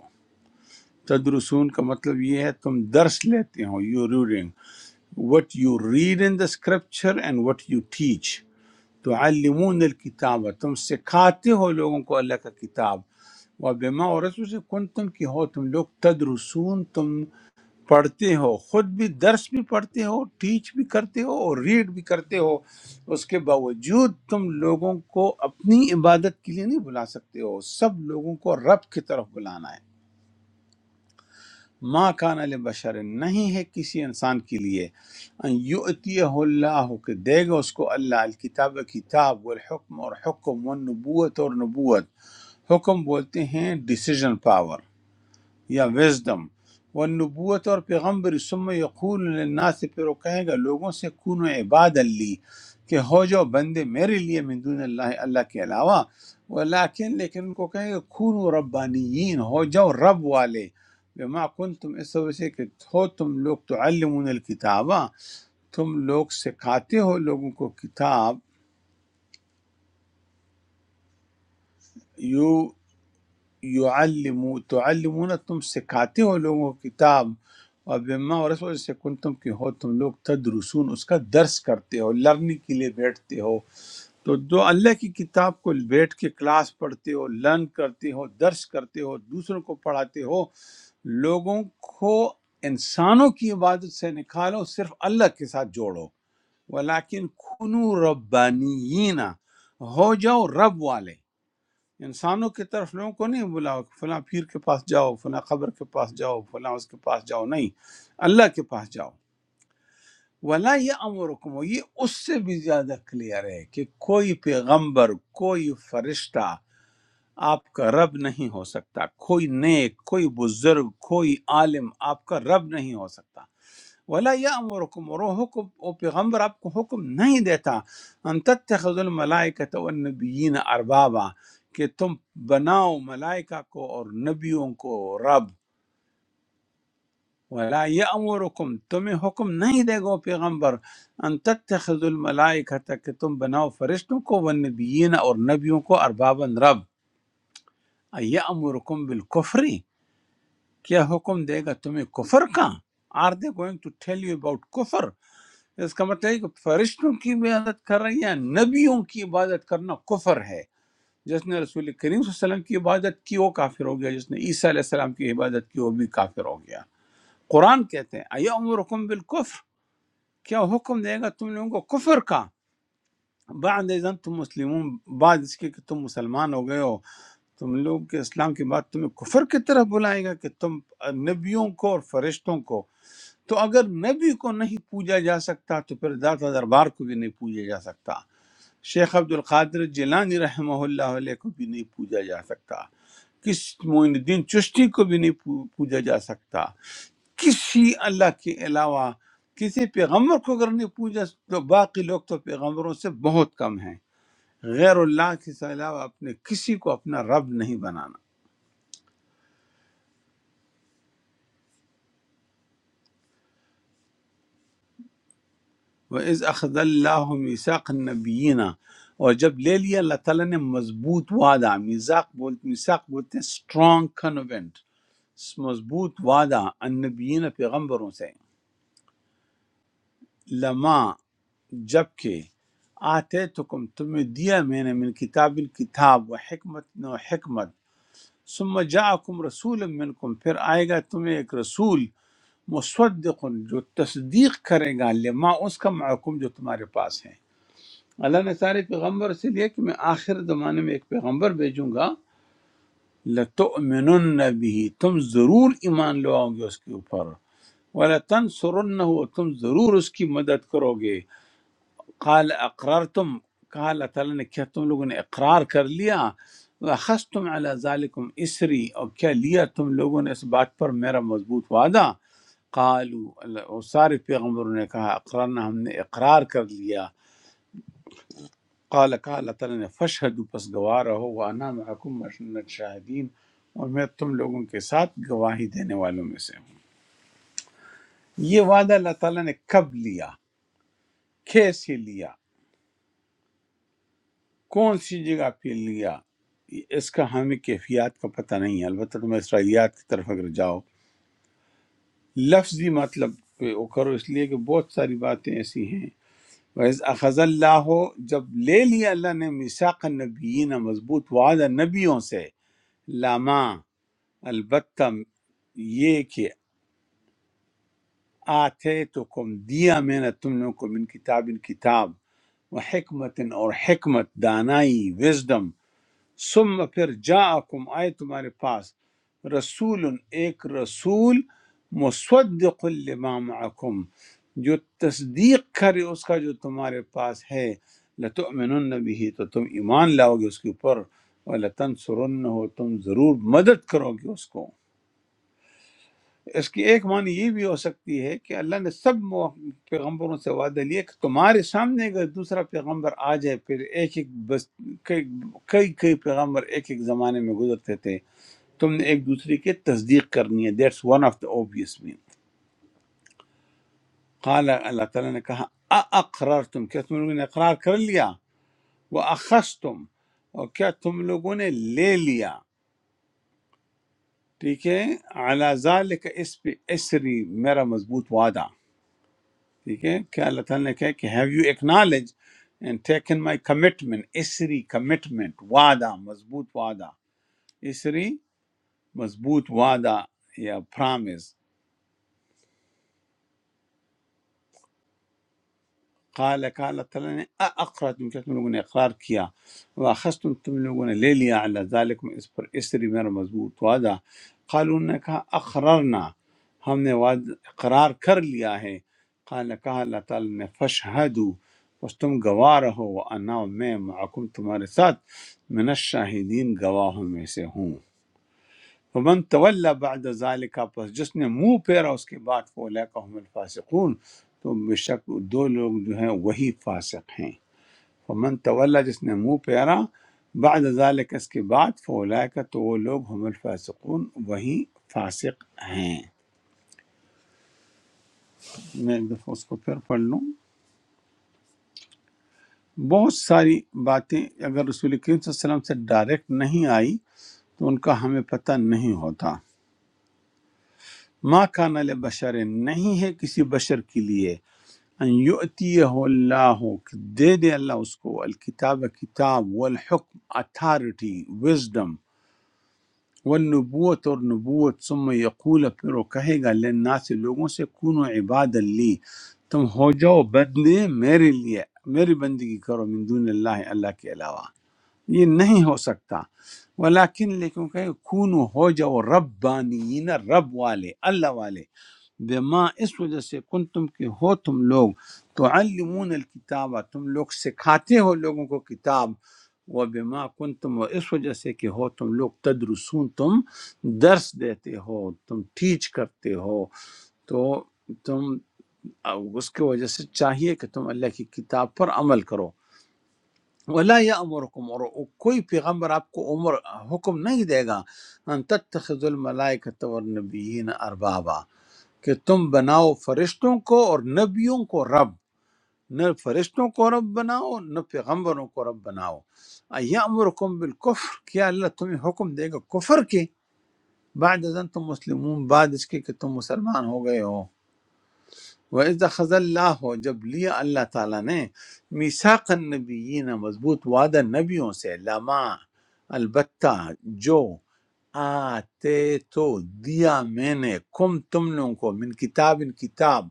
تدرسون کا مطلب یہ ہے تم درس لیتے ہو you reading what you read in the scripture and what you teach تو علمون الکتاب تم سکھاتے ہو لوگوں کو اللہ کا کتاب وہ بیما اور اس وجہ سے کن تم کی ہو تم لوگ تدرسون تم پڑھتے ہو خود بھی درس بھی پڑھتے ہو ٹیچ بھی کرتے ہو اور ریڈ بھی کرتے ہو اس کے باوجود تم لوگوں کو اپنی عبادت کے لیے نہیں بلا سکتے ہو سب لوگوں کو رب کی طرف بلانا ہے ماں کان بشر نہیں ہے کسی انسان کے لیے ان یؤتیہ اللہ کہ دے گا اس کو اللہ الکتاب کتاب والحکم اور حکم والنبوت اور نبوت حکم بولتے ہیں ڈیسیجن پاور یا وزڈم وہ نبوت اور پیغمبر ثم یقول للناس پھر وہ کہے گا لوگوں سے کون عباد اللی کہ ہو جو بندے میرے لیے من دون اللہ اللہ کے علاوہ ولیکن لیکن ان کو کہے گا کون ربانیین ہو جاؤ رب والے بما کنتم اس وجہ سے کہ ہو تم لوگ تعلمون الکتابہ تم لوگ سکھاتے ہو لوگوں کو کتاب یو یعلمو تعلمون تم سکھاتے ہو لوگوں کو کتاب اور بما اور رسول سے کن تم کی ہو تم لوگ تدرسون اس کا درس کرتے ہو لرننگ کے لیے بیٹھتے ہو تو جو اللہ کی کتاب کو بیٹھ کے کلاس پڑھتے ہو لرن کرتے ہو درس کرتے ہو دوسروں کو پڑھاتے ہو لوگوں کو انسانوں کی عبادت سے نکالو صرف اللہ کے ساتھ جوڑو ولیکن کُنُوا ربانیین ہو جاؤ رب والے انسانوں کی طرف لوگوں کو نہیں بلاؤ کہ فلاں پیر کے پاس جاؤ فلاں خبر کے پاس جاؤ فلاں اس کے پاس جاؤ نہیں اللہ کے پاس جاؤ ولا یہ امرکم یہ اس سے بھی زیادہ کلیئر ہے کہ کوئی پیغمبر کوئی فرشتہ آپ کا رب نہیں ہو سکتا کوئی نیک کوئی بزرگ کوئی عالم آپ کا رب نہیں ہو سکتا ولا یامرکم اور وہ حکم وہ پیغمبر آپ کو حکم نہیں دیتا ان تتخذ الملائکۃ والنبیین اربابا کہ تم بناؤ ملائکہ کو اور نبیوں کو رب ولا یامرکم تمہیں حکم نہیں دے گا وہ پیغمبر ان تتخذ الملائکۃ کہ تم بناؤ فرشتوں کو والنبیین اور نبیوں کو اربابا رب یامرکم بالکفر کیا حکم دے گا تمہیں کفر کا are they going to tell you about kufr اس کا مطلب ہے کہ فرشتوں کی عبادت کرنا یا نبیوں کی عبادت کرنا کفر ہے جس نے رسول کریم صلی اللہ علیہ وسلم کی عبادت کی وہ کافر ہو گیا جس نے عیسیٰ علیہ السلام کی عبادت کی وہ بھی کافر ہو گیا قرآن کہتے ہیں ایا امرکم بالکفر کیا حکم دے گا تم لوگوں کو کفر کا بعد ازن تم مسلمون بعد اس کے کہ تم مسلمان ہو گئے ہو تم لوگ کے اسلام کے بعد تمہیں کفر کی طرف بلائے گا کہ تم نبیوں کو اور فرشتوں کو تو اگر نبی کو نہیں پوجا جا سکتا تو پھر داتا دربار کو بھی نہیں پوجا جا سکتا شیخ عبد القادر جیلانی رحمہ اللہ علیہ کو بھی نہیں پوجا جا سکتا کس معین الدین چشتی کو بھی نہیں پو- پوجا جا سکتا کسی اللہ کے علاوہ کسی پیغمبر کو اگر نہیں پوجا تو باقی لوگ تو پیغمبروں سے بہت کم ہیں غیر اللہ کے علاوہ اپنے کسی کو اپنا رب نہیں بنانا وَإِذْ أَخَذَ اللَّهُ مِيثَاقَ النَّبِيِّينَ اور جب لے لیا اللہ تعالیٰ نے مضبوط وعدہ میثاق بولتے میثاق بولتے ہیں strong covenant مضبوط وعدہ النبیین پیغمبروں سے لما جب کہ آتے تکم تمہیں دیا میں نے من کتاب الکتاب و حکمت نو حکمت ثم جاءکم رسول منکم پھر آئے گا تمہیں ایک رسول مصدق جو تصدیق کرے گا لما اس کا معکم جو تمہارے پاس ہے اللہ نے سارے پیغمبر سے لیا کہ میں آخر زمانے میں ایک پیغمبر بھیجوں گا لتؤمنن به تم ضرور ایمان لواؤ گے اس کے اوپر ولا تنصرنه تم ضرور اس کی مدد کرو گے قال اقررتم کہا اللہ تعالیٰ نے کیا تم لوگوں نے اقرار کر لیا اخذتم على ذالکم اسری اور کیا لیا تم لوگوں نے اس بات پر میرا مضبوط وعدہ قالوا اللہ- اور سارے پیغمبروں نے کہا اقرارنا ہم نے اقرار کر لیا قال کہا اللہ تعالیٰ نے فشہدو پس گواہ رہو وانا معکم مشنت شاہدین اور میں تم لوگوں کے ساتھ گواہی دینے والوں میں سے ہوں یہ وعدہ اللہ تعالیٰ نے کب لیا کیسے لیا کون سی جگہ پہ لیا اس کا ہمیں کیفیات کا پتہ نہیں ہے البتہ تم اسرائیلیات کی طرف اگر جاؤ لفظی مطلب پہ وہ کرو اس لیے کہ بہت ساری باتیں ایسی ہیں وَإِذْ أَخَذَ اللَّهُ جب لے لیا اللہ نے مِيثَاقَ النَّبِيِّينَ مضبوط وعدہ نبیوں سے لاما البتہ یہ کہ آتے تو کم دیا میں نے تم لوگوں کو من کتاب ان کتاب و حکمت اور حکمت دانائی وزڈم ثم پھر جاءکم آئے تمہارے پاس رسول ایک رسول مصدق لما معکم جو تصدیق کرے اس کا جو تمہارے پاس ہے لتؤمنن به تو تم ایمان لاؤ گے اس کے اوپر ولتنصرنہ تم ضرور مدد کرو گے اس کو اس کی ایک معنی یہ بھی ہو سکتی ہے کہ اللہ نے سب مو- پیغمبروں سے وعدہ لیا کہ تمہارے سامنے اگر دوسرا پیغمبر آ جائے پھر ایک ایک بس کئی کئی کئی پیغمبر ایک ایک زمانے میں گزرتے تھے تم نے ایک دوسرے کی تصدیق کرنی ہے that's one of the obvious mean قال اللہ تعالیٰ نے کہا اقرار تم کیا تم لوگوں نے اقرار کر لیا وہ اخذ تم اور کیا تم لوگوں نے لے لیا ٹھیک ہے اعلیٰ ذالک اس پہ اسری میرا مضبوط وعدہ ٹھیک ہے کیا اللہ تعالیٰ نے کہا کہ have you acknowledge and taken my commitment اسری کمٹمنٹ وعدہ مضبوط وعدہ اسری مضبوط وعدہ یا پرامز قال کہ اللہ تعالیٰ نے اخرا تم کیا تم لوگوں نے اقرار کیا واخذ تم تم لوگوں نے لے لیا اللہ ذالکم اس پر اس طرح میرا مضبوط وعدہ قال انہوں نے کہا اقررنا ہم نے وعد اقرار کر لیا ہے قال کہا اللہ تعالیٰ نے فشہدو بس تم گواہ رہو انا میں معکم تمہارے ساتھ من الشاہدین گواہوں میں سے ہوں ومن تولی بعد ذلک پس جس نے منہ پھیرا اس کے بعد فولیک هم الفاسقون تو بے شک دو لوگ جو ہیں وہی فاسق ہیں ومن تولی جس نے منہ پھیرا بعد ذلک اس کے بعد فولیک تو وہ لوگ هم الفاسقون وہی فاسق ہیں میں ایک دفعہ اس کو پھر پڑھ لوں بہت ساری باتیں اگر رسول کریم صلی اللہ علیہ وسلم سے ڈائریکٹ نہیں آئی تو ان کا ہمیں پتہ نہیں ہوتا ما کان بشر نہیں ہے کسی بشر کے لیے ان یؤتیہ اللہ کہ دے دے اللہ اس کو الکتاب کتاب والحکم اتھارٹی وزڈم والنبوت اور نبوت ثم یقول پھر وہ کہے گا لنا سے لوگوں سے کونو عباد لی تم ہو جاؤ بندے میرے لیے میری بندگی کرو من دون اللہ اللہ کے علاوہ یہ نہیں ہو سکتا ولیکن لیکن کہ کونو ہو جاؤ ربانیین رب والے اللہ والے بما اس وجہ سے کن تم کے ہو تم لوگ تو علمون الکتاب تم لوگ سکھاتے ہو لوگوں کو کتاب وہ بما کن تم اس وجہ سے کہ ہو تم لوگ تدرسون تم درس دیتے ہو تم ٹیچ کرتے ہو تو تم اس کی وجہ سے چاہیے کہ تم اللہ کی کتاب پر عمل کرو ولا یا اور کوئی پیغمبر آپ کو عمر حکم نہیں دے گا ان تتخذ الملائکۃ والنبیین اربابا کہ تم بناؤ فرشتوں کو اور نبیوں کو رب نہ فرشتوں کو رب بناؤ نہ پیغمبروں کو رب بناؤ ایامرکم بالکفر کیا اللہ تمہیں حکم دے گا کفر کے بعد ازن تم مسلمون بعد اس کے کہ تم مسلمان ہو گئے ہو وَإِذَا خَذَ اللَّهُ جب لیا اللہ تعالیٰ نے میثاق النبیین مضبوط وعدہ نبیوں سے لما البتہ جو آتے تو دیا میں نے کم تم لوگوں کو من کتاب ان کتاب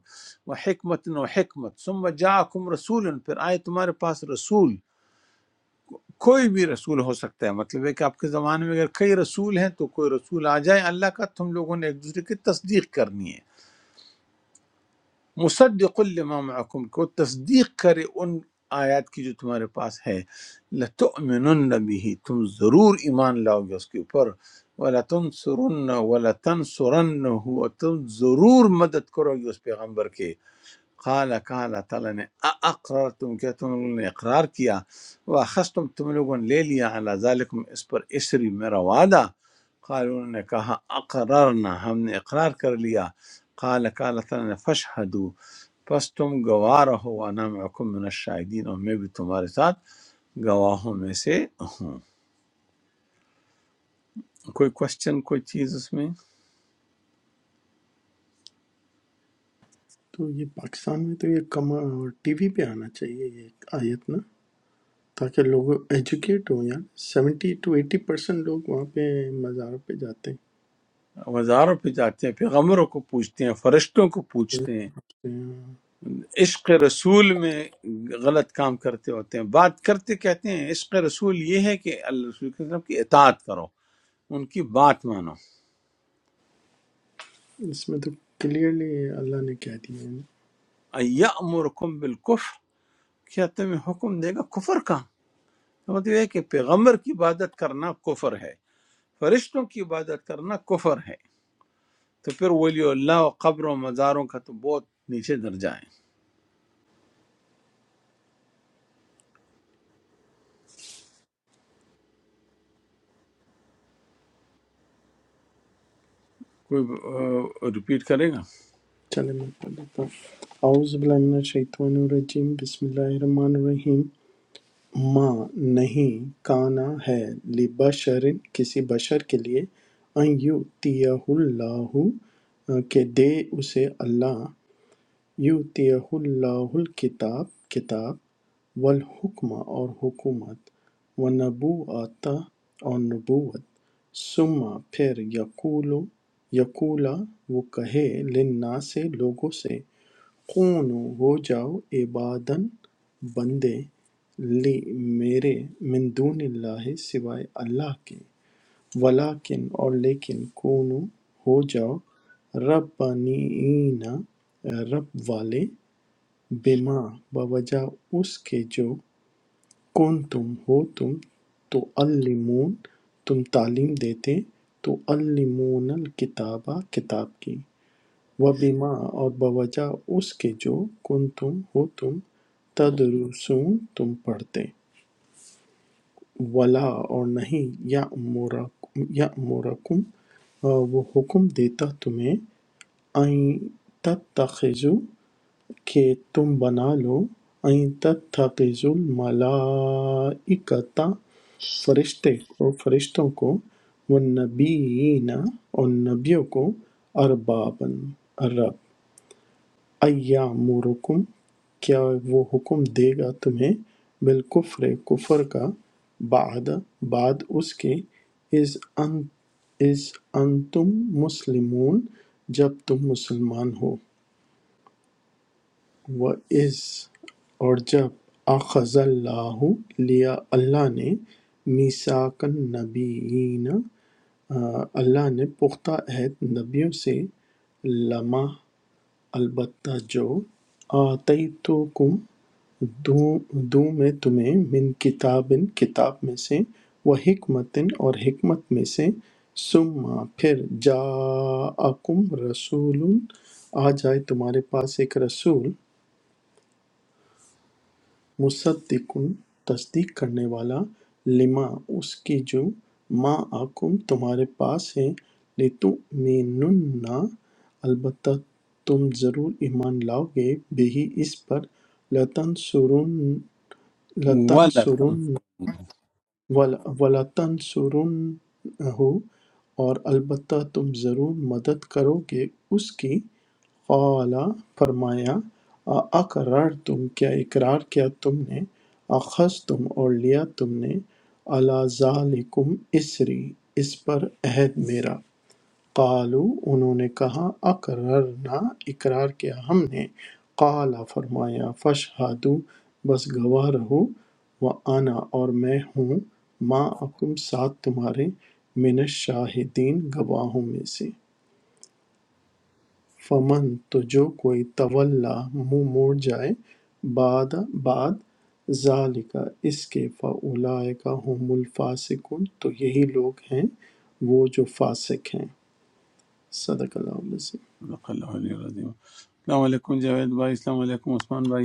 و حکمت و حکمت ثم جاکم رسول پھر آئے تمہارے پاس رسول کوئی بھی رسول ہو سکتا ہے مطلب ہے کہ آپ کے زمانے میں اگر کئی رسول ہیں تو کوئی رسول آ جائے اللہ کا تم لوگوں نے ایک دوسرے کی تصدیق کرنی ہے मुसद्दिक लिमा महकुम को तस्दीक करे उन आयत की जो तुम्हारे पास है लतुमिनुन बिही तुम ज़रूर ईमान लाओगे उसके ऊपर वला तुनसुरुन्न वला तनसुरन्न और तुम ज़रूर मदद करोगे उस पैगंबर के قال کہا اللہ تعالیٰ نے اقرار تم کیا تم لوگوں نے اقرار کیا واخذ تم تم لوگوں نے لے لیا علی ذالکم اس پر اسری میرا وعدہ قال انہوں نے کہا اقررنا ہم نے اقرار کر لیا قال کہا اللہ تعالیٰ نے فشہدو پس تم گواہ رہو وانا معکم من الشاہدین اور میں بھی تمہارے ساتھ گواہوں میں سے ہوں۔ کوئی کوشچن کوئی چیز اس میں تو یہ پاکستان میں تو یہ کم ٹی وی پہ آنا چاہیے یہ آیت نا تاکہ لوگ ایجوکیٹ ہوں یار سیونٹی ٹو ایٹی پرسینٹ لوگ وہاں پہ مزاروں پہ جاتے ہیں وزاروں پہ جاتے ہیں پیغمبروں کو پوچھتے ہیں فرشتوں کو پوچھتے ہیں اس عشق رسول میں غلط کام کرتے ہوتے ہیں بات کرتے کہتے ہیں عشق رسول یہ ہے کہ اللہ رسول کے وسلم کی اطاعت کرو ان کی بات مانو میں تو کلیئرلی اللہ نے کہہ دیا ہے ایامرکم بالکفر کیا تمہیں حکم دے گا کفر کا مطلب یہ ہے کہ پیغمبر کی عبادت کرنا کفر ہے فرشتوں کی عبادت کرنا کفر ہے تو پھر ولی اللہ و قبر و مزاروں کا تو بہت نیچے درجہ ہے کوئی آہ، ریپیٹ کرے گا چلے میں پڑھ لیتا ہوں اعوذ باللہ من الشیطان الرجیم بسم اللہ الرحمن الرحیم ما نہیں کانا ہے لبشر کسی بشر کے لیے ان یؤتیہ اللہ آ، کہ دے اسے اللہ یؤتیہ اللہ الکتاب کتاب والحکمہ اور حکومت ونبوءتا اور نبوت ثم پھر یقول یقولا وہ کہے للناس لوگوں سے خونوں ہو جاؤ عباداً بندے لی میرے من دون اللہ سوائے اللہ کے ولیکن اور لیکن کونو ہو جاؤ ربانین رب والے بما بوجہ اس کے جو کون تم ہو تم تو علمون تم تعلیم دیتے تو علمون الکتابہ کتاب کی وَبِمَا اور بوجہ اس کے جو کنتم ہو تم تدرسون تم پڑھتے ولا اور نہیں یأمرکم وہ حکم دیتا تمہیں این تتخذو کہ تم بنا لو این تتخذو الملائکتا فرشتے کو فرشتوں کو والنبیین اور نبیوں کو اربابن رب ایامرکم کیا وہ حکم دے گا تمہیں بالکفر کفر کا بعد بعد اس کے اذ ان اذ انتم مسلمون جب تم مسلمان ہو و از اور جب اخذ اللہ لیا اللہ نے میثاق النبیین آ، اللہ نے پختہ عہد نبیوں سے لمح البتہ جو آتیتکم دوں دوں میں تمہیں من کتابٍ کتاب میں سے و حکمتٍ اور حکمت میں سے ثم پھر جاءکم رسول آ جائے تمہارے پاس ایک رسول مصدق تصدیق کرنے والا لما اس کی جو ما آکم تمہارے پاس ہے لتؤمنن البتہ تم ضرور ایمان لاؤ گے بہی اس پر لتنصرن وَلَا تَنْفَعُونَ وَلَ- وَلَتَنْصُرُنَّهُ اور البتہ تم ضرور مدد کرو گے اس کی قال فرمایا اقرار تم کیا اقرار کیا تم نے اخذ تم اور لیا تم نے اللہ ذالکم اسری اس پر عہد میرا قَالُوا انہوں نے کہا اقررنا اقرار کیا ہم نے قال فرمایا فاشہدوا بس گواہ رہو وانا اور میں ہوں معکم ساتھ تمہارے من الشاہدین گواہوں میں سے فمن تو جو کوئی تولا منہ موڑ جائے بعد بعد ذالک اس کے فاولئک هم الفاسقون تو یہی لوگ ہیں وہ جو فاسق ہیں صدق اللہ علیہ وسلم۔ صدق اللہ علیہ وسلم۔ السلام علیکم جاوید بھائی السلام علیکم عثمان بھائی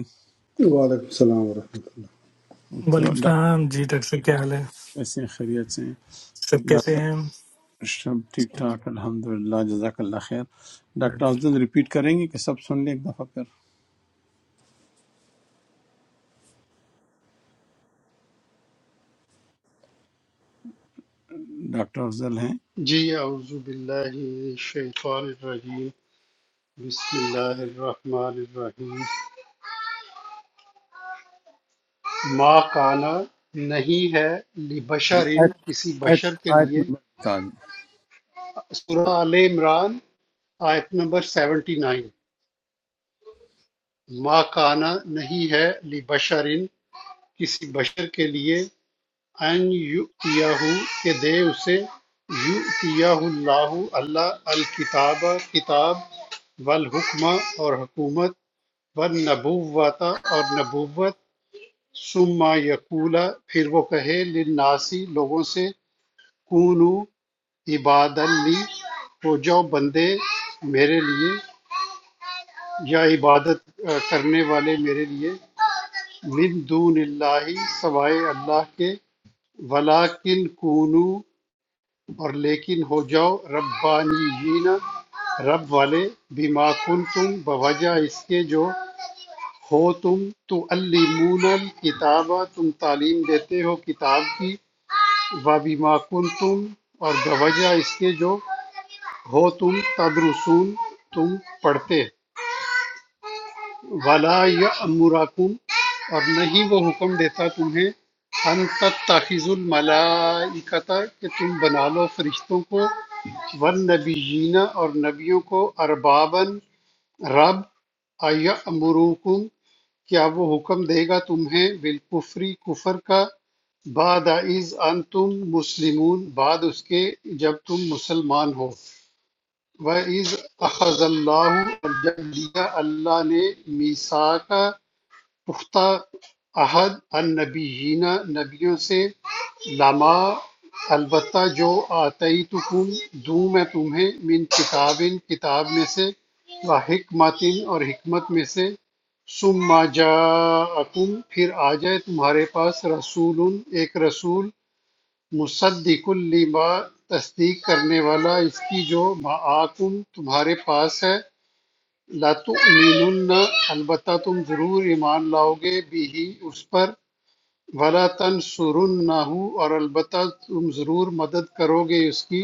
Waalaikumussalam warahmatullahi تو वालेकुम ڈاکٹر सलाम जी डॉक्टर साहब क्या हाल है کیسے ہیں؟ خیریت سے ہیں؟ सब कैसे ڈاکٹر हैं سب ٹھیک ٹھاک الحمد للہ جزاک اللہ خیر ڈاکٹر افضل ریپیٹ کریں گے کہ سب سن لیں ایک دفعہ پھر ڈاکٹر افضل ہیں جی اعوذ باللہ من الشیطان الرجیم بسم اللہ الرحمن الرحیم ما کانا نہیں ہے لبشرن آیت, کسی آیت, بشر کے آیت لیے نمبر بتا دیں سورہ آل عمران آیت نمبر 79 ما کانا نہیں ہے لبشرن کسی بشر کے لیے ان یؤتیہ کہ دے اسے یؤتیہ اللہ اللہ الکتاب کتاب والحکمہ اور حکومت والنبوت اور نبوت ثم یقولا پھر وہ کہے للناسی لوگوں سے کونو عباد لی ہو جاؤ بندے میرے لیے یا عبادت آ، کرنے والے میرے لیے من دون اللہ سوائے اللہ کے ولاکن کونو اور لیکن ہو جاؤ ربانیین رب والے بما کنتم بوجہ اس کے جو ہو تم تو علمون الکتاب تم تعلیم دیتے ہو کتاب کی و بما کنتم اور بوجہ اس کے جو ہو تم تدرسون تم پڑھتے وَلَا يَأْمُرَكُمْ اور نہیں وہ حکم دیتا تمہیں أَن تَتَّخِذُوا الْمَلَائِکَةَ کہ تم بنا لو فرشتوں کو وَالنَّبِیِّینَ اور نبیوں کو أَرْبَابًا رب أَيَأْمُرُكُمْ کیا وہ حکم دے گا تمہیں بالکفری کفر کا بعد از انتم مسلمون بعد اس کے جب تم مسلمان ہو وَإِذْ أَخَذَ اللَّهُ اور جب لیا اللہ نے میثاقَ پختہ عہد النبیین نبیوں سے لما البتہ جو آتیتکم دوں میں تمہیں من کتابن کتاب میں سے و حکمتن اور حکمت میں سے ثم جاءکم پھر آ جائے تمہارے پاس رسول ایک رسول مصدق لما تصدیق کرنے والا اس کی جو معاکم تمہارے پاس ہے لَتُؤْمِنُنَّ البتہ تم ضرور ایمان لاؤ گے بِهِ اس پر وَلَتَنْصُرُنَّهُ اور البتہ تم ضرور مدد کرو گے اس کی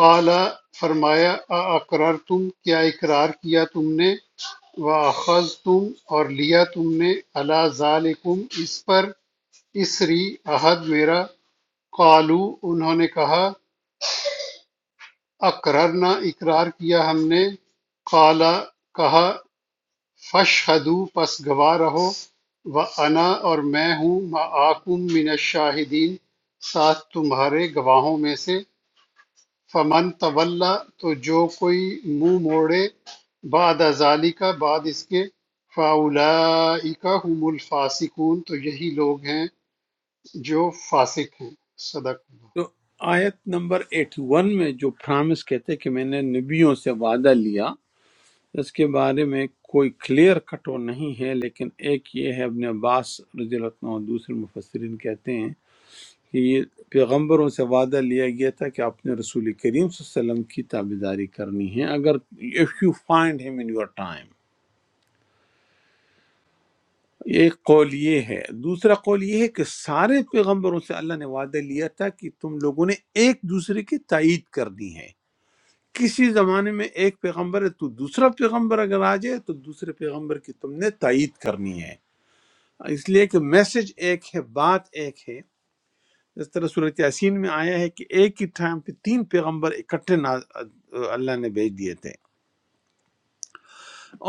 قال فرمایا اَأَقْرَرْتُمْ کیا اقرار کیا تم نے وَأَخَذْتُمْ اور لیا تم نے عَلَى ذَلِكُمْ اس پر اسری عہد میرا قالو انہوں نے کہا اقررنا اقرار کیا ہم نے قالا کہا فَاشْہَدُوا پس گواہ رہو وَأَنَا اور میں ہوں مَعَکُم مِّنَ الشَّاہِدِینَ ساتھ تمہارے گواہوں میں سے فَمَن تَوَلَّا تو جو کوئی منہ موڑے بعد ذَلِکَ بعد اس کے فَأُولَٰئِکَ هُمُ الْفَاسِقُونَ تو یہی لوگ ہیں جو فاسق ہیں صدق اللہ۔ تو آیت نمبر 81 میں جو پرامس کہتے ہیں کہ میں نے نبیوں سے وعدہ لیا اس کے بارے میں کوئی کلیئر کٹ وہ نہیں ہے لیکن ایک یہ ہے ابن عباس رضی اللہ عنہ اور دوسرے مفسرین کہتے ہیں کہ یہ پیغمبروں سے وعدہ لیا گیا تھا کہ آپ نے رسول کریم صلی اللہ علیہ وسلم کی تابع داری کرنی ہے اگر اف یو فائنڈ ہم ان یور ٹائم ایک قول یہ ہے دوسرا قول یہ ہے کہ سارے پیغمبروں سے اللہ نے وعدہ لیا تھا کہ تم لوگوں نے ایک دوسرے کی تائید کر دی ہے کسی زمانے میں ایک پیغمبر ہے تو دوسرا پیغمبر اگر آ جائے تو دوسرے پیغمبر کی تم نے تائید کرنی ہے اس لیے کہ میسج ایک ہے بات ایک ہے اس طرح صورت یاسین میں آیا ہے کہ ایک ہی ٹائم پہ تین پیغمبر اکٹھے ناز... اللہ نے بھیج دیے تھے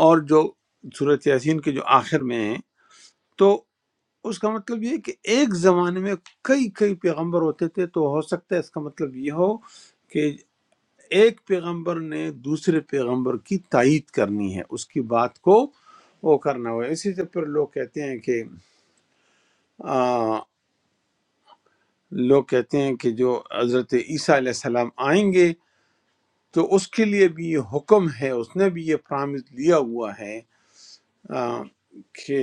اور جو صورت یاسین کے جو آخر میں ہیں تو اس کا مطلب یہ ہے کہ ایک زمانے میں کئی کئی پیغمبر ہوتے تھے تو ہو سکتا ہے اس کا مطلب یہ ہو کہ ایک پیغمبر نے دوسرے پیغمبر کی تائید کرنی ہے اس کی بات کو وہ کرنا ہوا ہے۔ اسی سے پھر لوگ کہتے ہیں کہ آ، لوگ کہتے ہیں کہ جو حضرت عیسیٰ علیہ السلام آئیں گے تو اس کے لیے بھی یہ حکم ہے اس نے بھی یہ پرامس لیا ہوا ہے آ، کہ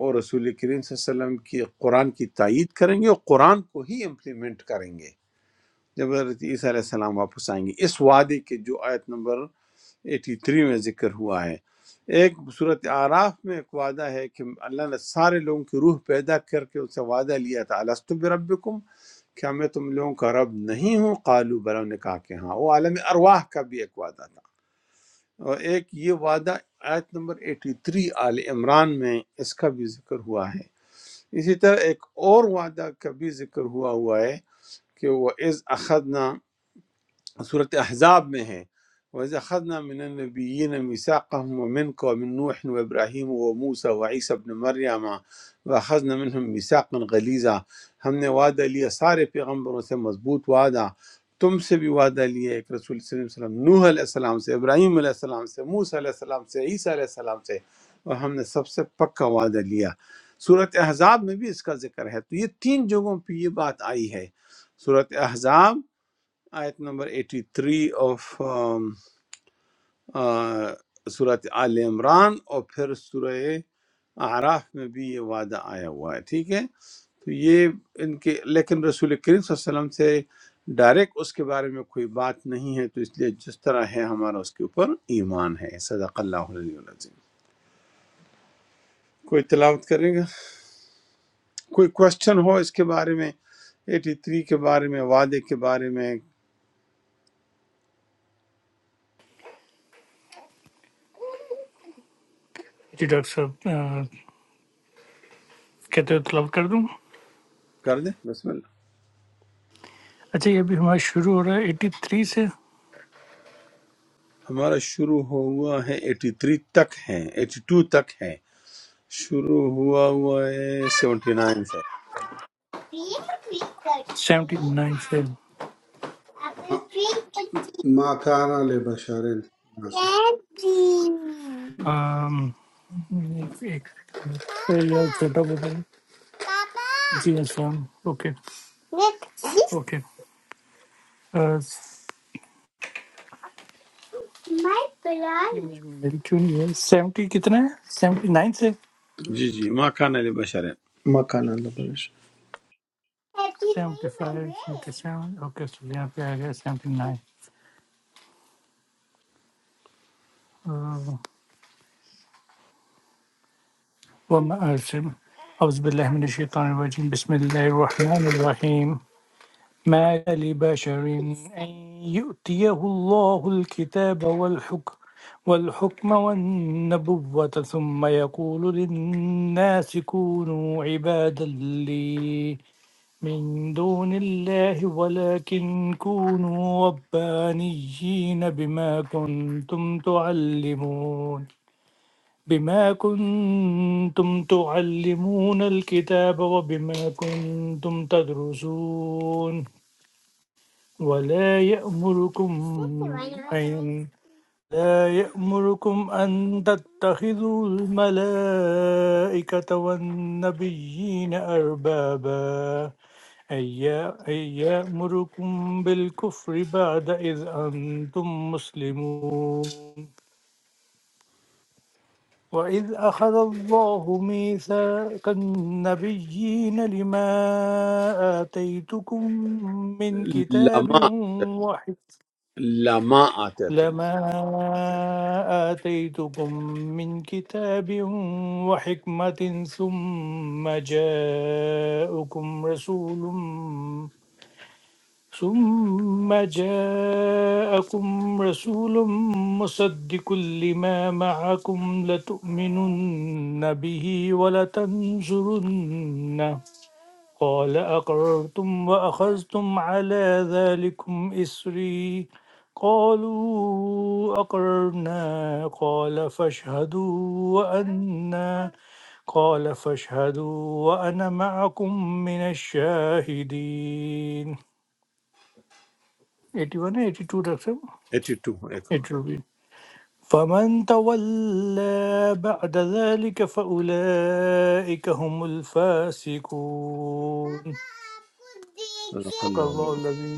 اور رسول کریم صلی اللہ علیہ وسلم کی قرآن کی تائید کریں گے اور قرآن کو ہی امپلیمنٹ کریں گے جب حضرت عیسیٰ علیہ السلام واپس آئیں گے اس وعدے کے جو آیت نمبر 83 میں ذکر ہوا ہے ایک صورت آراف میں ایک وعدہ ہے کہ اللہ نے سارے لوگوں کی روح پیدا کر کے ان سے وعدہ لیا تھا السط بربکم کیا میں تم لوگوں کا رب نہیں ہوں قالو بلا نے کہا کہ ہاں وہ عالم ارواح کا بھی ایک وعدہ تھا اور ایک یہ وعدہ آیت نمبر 83 آل عمران میں اس کا بھی ذکر ہوا ہے اسی طرح ایک اور وعدہ کا بھی ذکر ہوا ہوا ہے کہ وہ از اخذنا صورت احزاب میں ہے وَإِذْ أَخَذْنَا مِنَ النَّبِيِّينَ مِيثَاقَهُمْ وَمِنْكَ وَمِنْ نُوحٍ وَإِبْرَاهِيمَ وَمُوسَى وَعِيسَى ابْنِ مَرْيَمَ وَأَخَذْنَا مِنْهُمْ مِيثَاقًا غَلِيظًا ہم نے وعدہ لیا سارے پیغمبروں سے مضبوط وعدہ تم سے بھی وعدہ لیا ایک رسول صلی اللہ علیہ وسلم نوح علیہ السلام سے ابراہیم علیہ السلام سے موسیٰ علیہ السلام سے عیسیٰ علیہ السلام سے اور ہم نے سب سے پکا وعدہ لیا صورت احزاب میں بھی اس کا ذکر ہے تو یہ تین جگہوں پہ یہ بات آئی ہے صورت احزاب آیت نمبر 83 آف صورت آل عمران اور پھر سورہ اعراف میں بھی یہ وعدہ آیا ہوا ہے ٹھیک ہے تو یہ ان کے لیکن رسول کریم صلی اللہ علیہ وسلم سے ڈائریکٹ اس کے بارے میں کوئی بات نہیں ہے تو اس لیے جس طرح ہے ہمارا اس کے اوپر ایمان ہے صدق اللہ علیہ وسلم کوئی تلاوت کرے گا کوئی کوشچن ہو اس کے بارے میں 83 کے بارے میں وعدے کے بارے میں जी डॉक्टर साहब अ, कहते हो तलब कर दूं کر دیں بسم اللہ अच्छा ये अभी हमारा शुरू हो रहा है 83 से ہمارا شروع ہوا ہے ایٹی تھری تک ہیں ایٹی ٹو تک ہیں شروع ہوا ہوا ہے سیونٹی نائن سے 79 से wabarakatuh. Maakana le Basharin. अम, एक एक तो यार छोटा बताइए जी अस्सलाम ओके ओके अ, मेरी क्यों नहीं है 70 कितना है 79 से جی جی ماں کان علی بشر ہے، ما كان الا بلاش 75 77 ओके सो यहाँ पे आ गया 79 وما أرسل أعوذ بالله من الشيطان الرجيم بسم الله الرحمن الرحيم ما لبشر أن يؤتيه الله الكتاب والحكم والحكم والنبوة ثم يقول للناس كونوا عبادا لي من دون الله ولكن كونوا ربانيين بما كنتم تعلمون بما كنتم تعلمون الكتاب وبما كنتم تدرسون ولا يأمركم أن لا يأمركم أن تتخذوا الملائكة والنبيين أربابا أي يأمركم بالكفر بعد إذ أنتم مسلمون وإذ أخذ الله ميثاق النبيين لما آتيتكم من كتاب لما وحكمة لما آتے تو لما آتيتكم من كتاب وحكمة ثم جاءكم رسول ثم جاءكم رسول مصدق لما معكم لتؤمنن به ولتنصرنه قال أقررتم وأخذتم على ذلكم إسري قالوا أقررنا قال فاشهدوا وأنا قال فاشهدوا وأنا معكم من الشاهدين 81 है 82 रख से ایٹی ٹو ایک اور 82 फ़ामन तवल बादाज़ली के फ़ाउले इक हमुल फ़ासिकु صدق तक़ा اللہ علیہ अल्लाहुल्लाही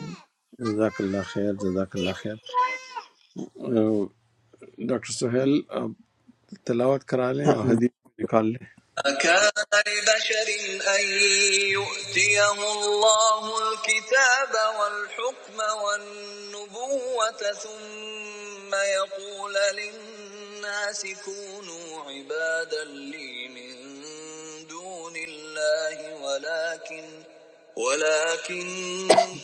جزاک اللہ خیر جزاک اللہ خیر اہ، ڈاکٹر سہیل آپ تلاوت کرا لیں اور أأمن حدیث نکال لیں أكان لبشر أن يؤتيه الله الكتاب والحكم والنبوة ثم يقول للناس كونوا عبادا لي من دون الله ولكن ولكن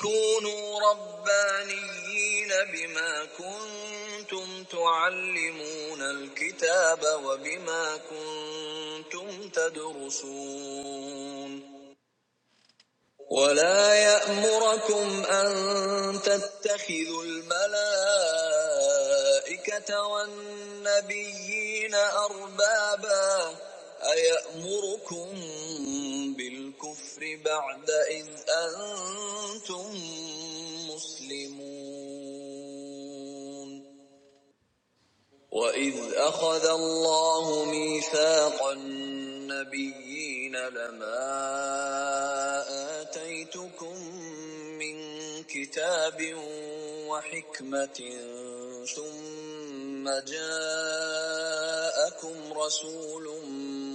كونوا ربانيين بما كنتم تعلمون الكتاب وبما كنتم تدرسون ولا يأمركم أن تتخذوا الملائكة والنبيين أربابا أيأمركم بالكفر بعد إذ أنتم مسلمون وَإِذْ أَخَذَ اللَّهُ مِيثَاقَ النَّبِيِّينَ لَمَا آتَيْتُكُم مِّن كِتَابٍ وَحِكْمَةٍ ثُمَّ جَاءَكُمْ رَسُولٌ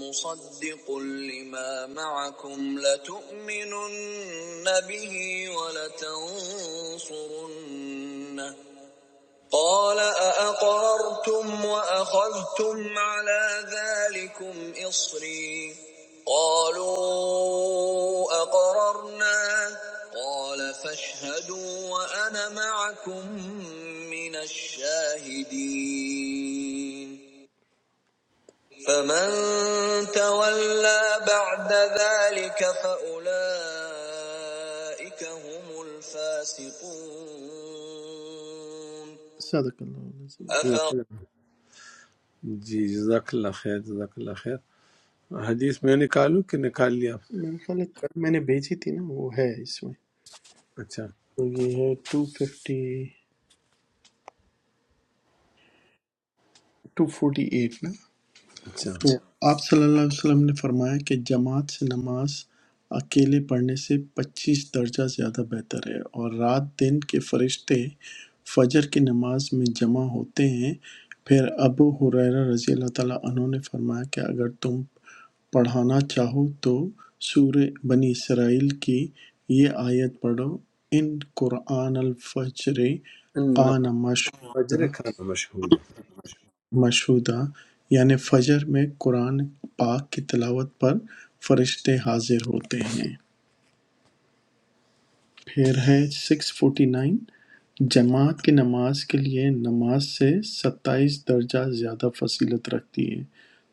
مُصَدِّقٌ لِّمَا مَعَكُمْ لَتُؤْمِنُنَّ بِهِ وَلَتَنصُرُنَّهُ قال أأقررتم وأخذتم على ذلكم إصري قالوا أقررنا قال فاشهدوا وأنا معكم من الشاهدين فمن تولى بعد ذلك فأولئك هم الفاسقون صدق اللہ العظیم۔ جزاک أفغير اللہ- جی جزاک اللہ خیر جزاک اللہ خیر حدیث میں نکالوں کہ نکال لیا آپ میرے خیال ہے کل میں نے بھیجی تھی نا وہ ہے اس میں اچھا تو یہ ہے 250 248 نا اچھا تو آپ صلی اللہ علیہ وسلم نے فرمایا کہ جماعت سے نماز اکیلے پڑھنے سے پچیس درجہ زیادہ بہتر ہے اور رات دن کے فرشتے فجر کی نماز میں جمع ہوتے ہیں پھر ابو حریرہ رضی اللہ تعالیٰ عنہ نے فرمایا کہ اگر تم پڑھانا چاہو تو سورہ بنی اسرائیل کی یہ آیت پڑھو ان قرآن الفجر ان قان فجر مشہورہ کھانا مشہور مشہودہ یعنی فجر میں قرآن پاک کی تلاوت پر فرشتے حاضر ہوتے ہیں پھر ہے سکس فورٹی نائن جماعت کی نماز کے لیے نماز سے ستائیس درجہ زیادہ فصیلت رکھتی ہے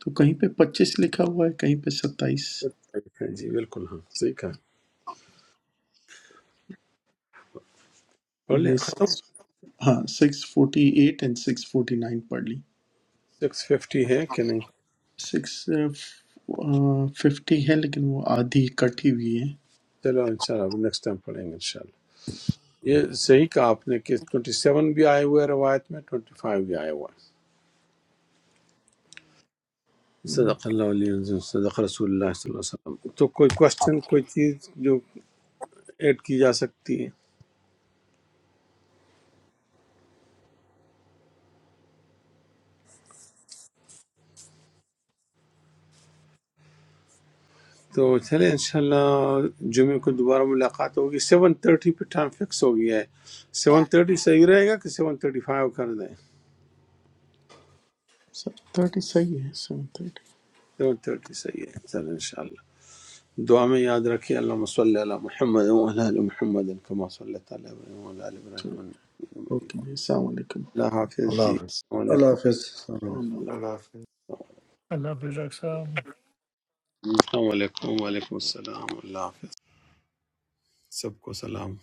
تو کہیں پہ پچیس لکھا ہوا ہے کہیں پہ ستائیس جی بالکل ہاں صحیح کہا پڑھ لیں یہ ختم سکس ہاں six forty eight and six forty nine پڑھ لی سکس ففٹی ہے کہ نہیں سکس ففٹی ہے لیکن وہ آدھی کٹی ہوئی ہے چلو انشاءاللہ اب نیکسٹ ٹائم پڑھیں گے انشاءاللہ یہ صحیح کہا آپ نے کہ ٹوئنٹی سیون بھی آئے ہوئے ہیں روایت میں ٹوئنٹی فائیو بھی آئے ہوئے ہیں صدق اللہ علیہ وسلم صدق رسول اللہ صلی اللہ علیہ وسلم تو کوئی کوشچن کوئی چیز جو ایڈ کی جا سکتی ہے تو چلیں انشاءاللہ جمعے کو دوبارہ ملاقات ہوگی سیون تھرٹی پہ ٹائم فکس ہو گیا ہے سیون تھرٹی صحیح رہے گا کہ سیون تھرٹی فائیو کر دیں سب تھرٹی صحیح ہے سیون تھرٹی سیون تھرٹی صحیح ہے چلیں انشاءاللہ دعا میں یاد رکھیں اللہم صلی علی محمد و علی آل محمد کما صلی تعالی علیہ و علی آل ابراہیم انک حمید مجید۔ اوکے السلام علیکم اللہ حافظ اللہ جی حافظ السلام علیکم Alafiz. اللہ- Alhamdulillah. अल्लाह बिराक सामी السلام علیکم وعلیکم السلام اللہ حافظ سب کو سلام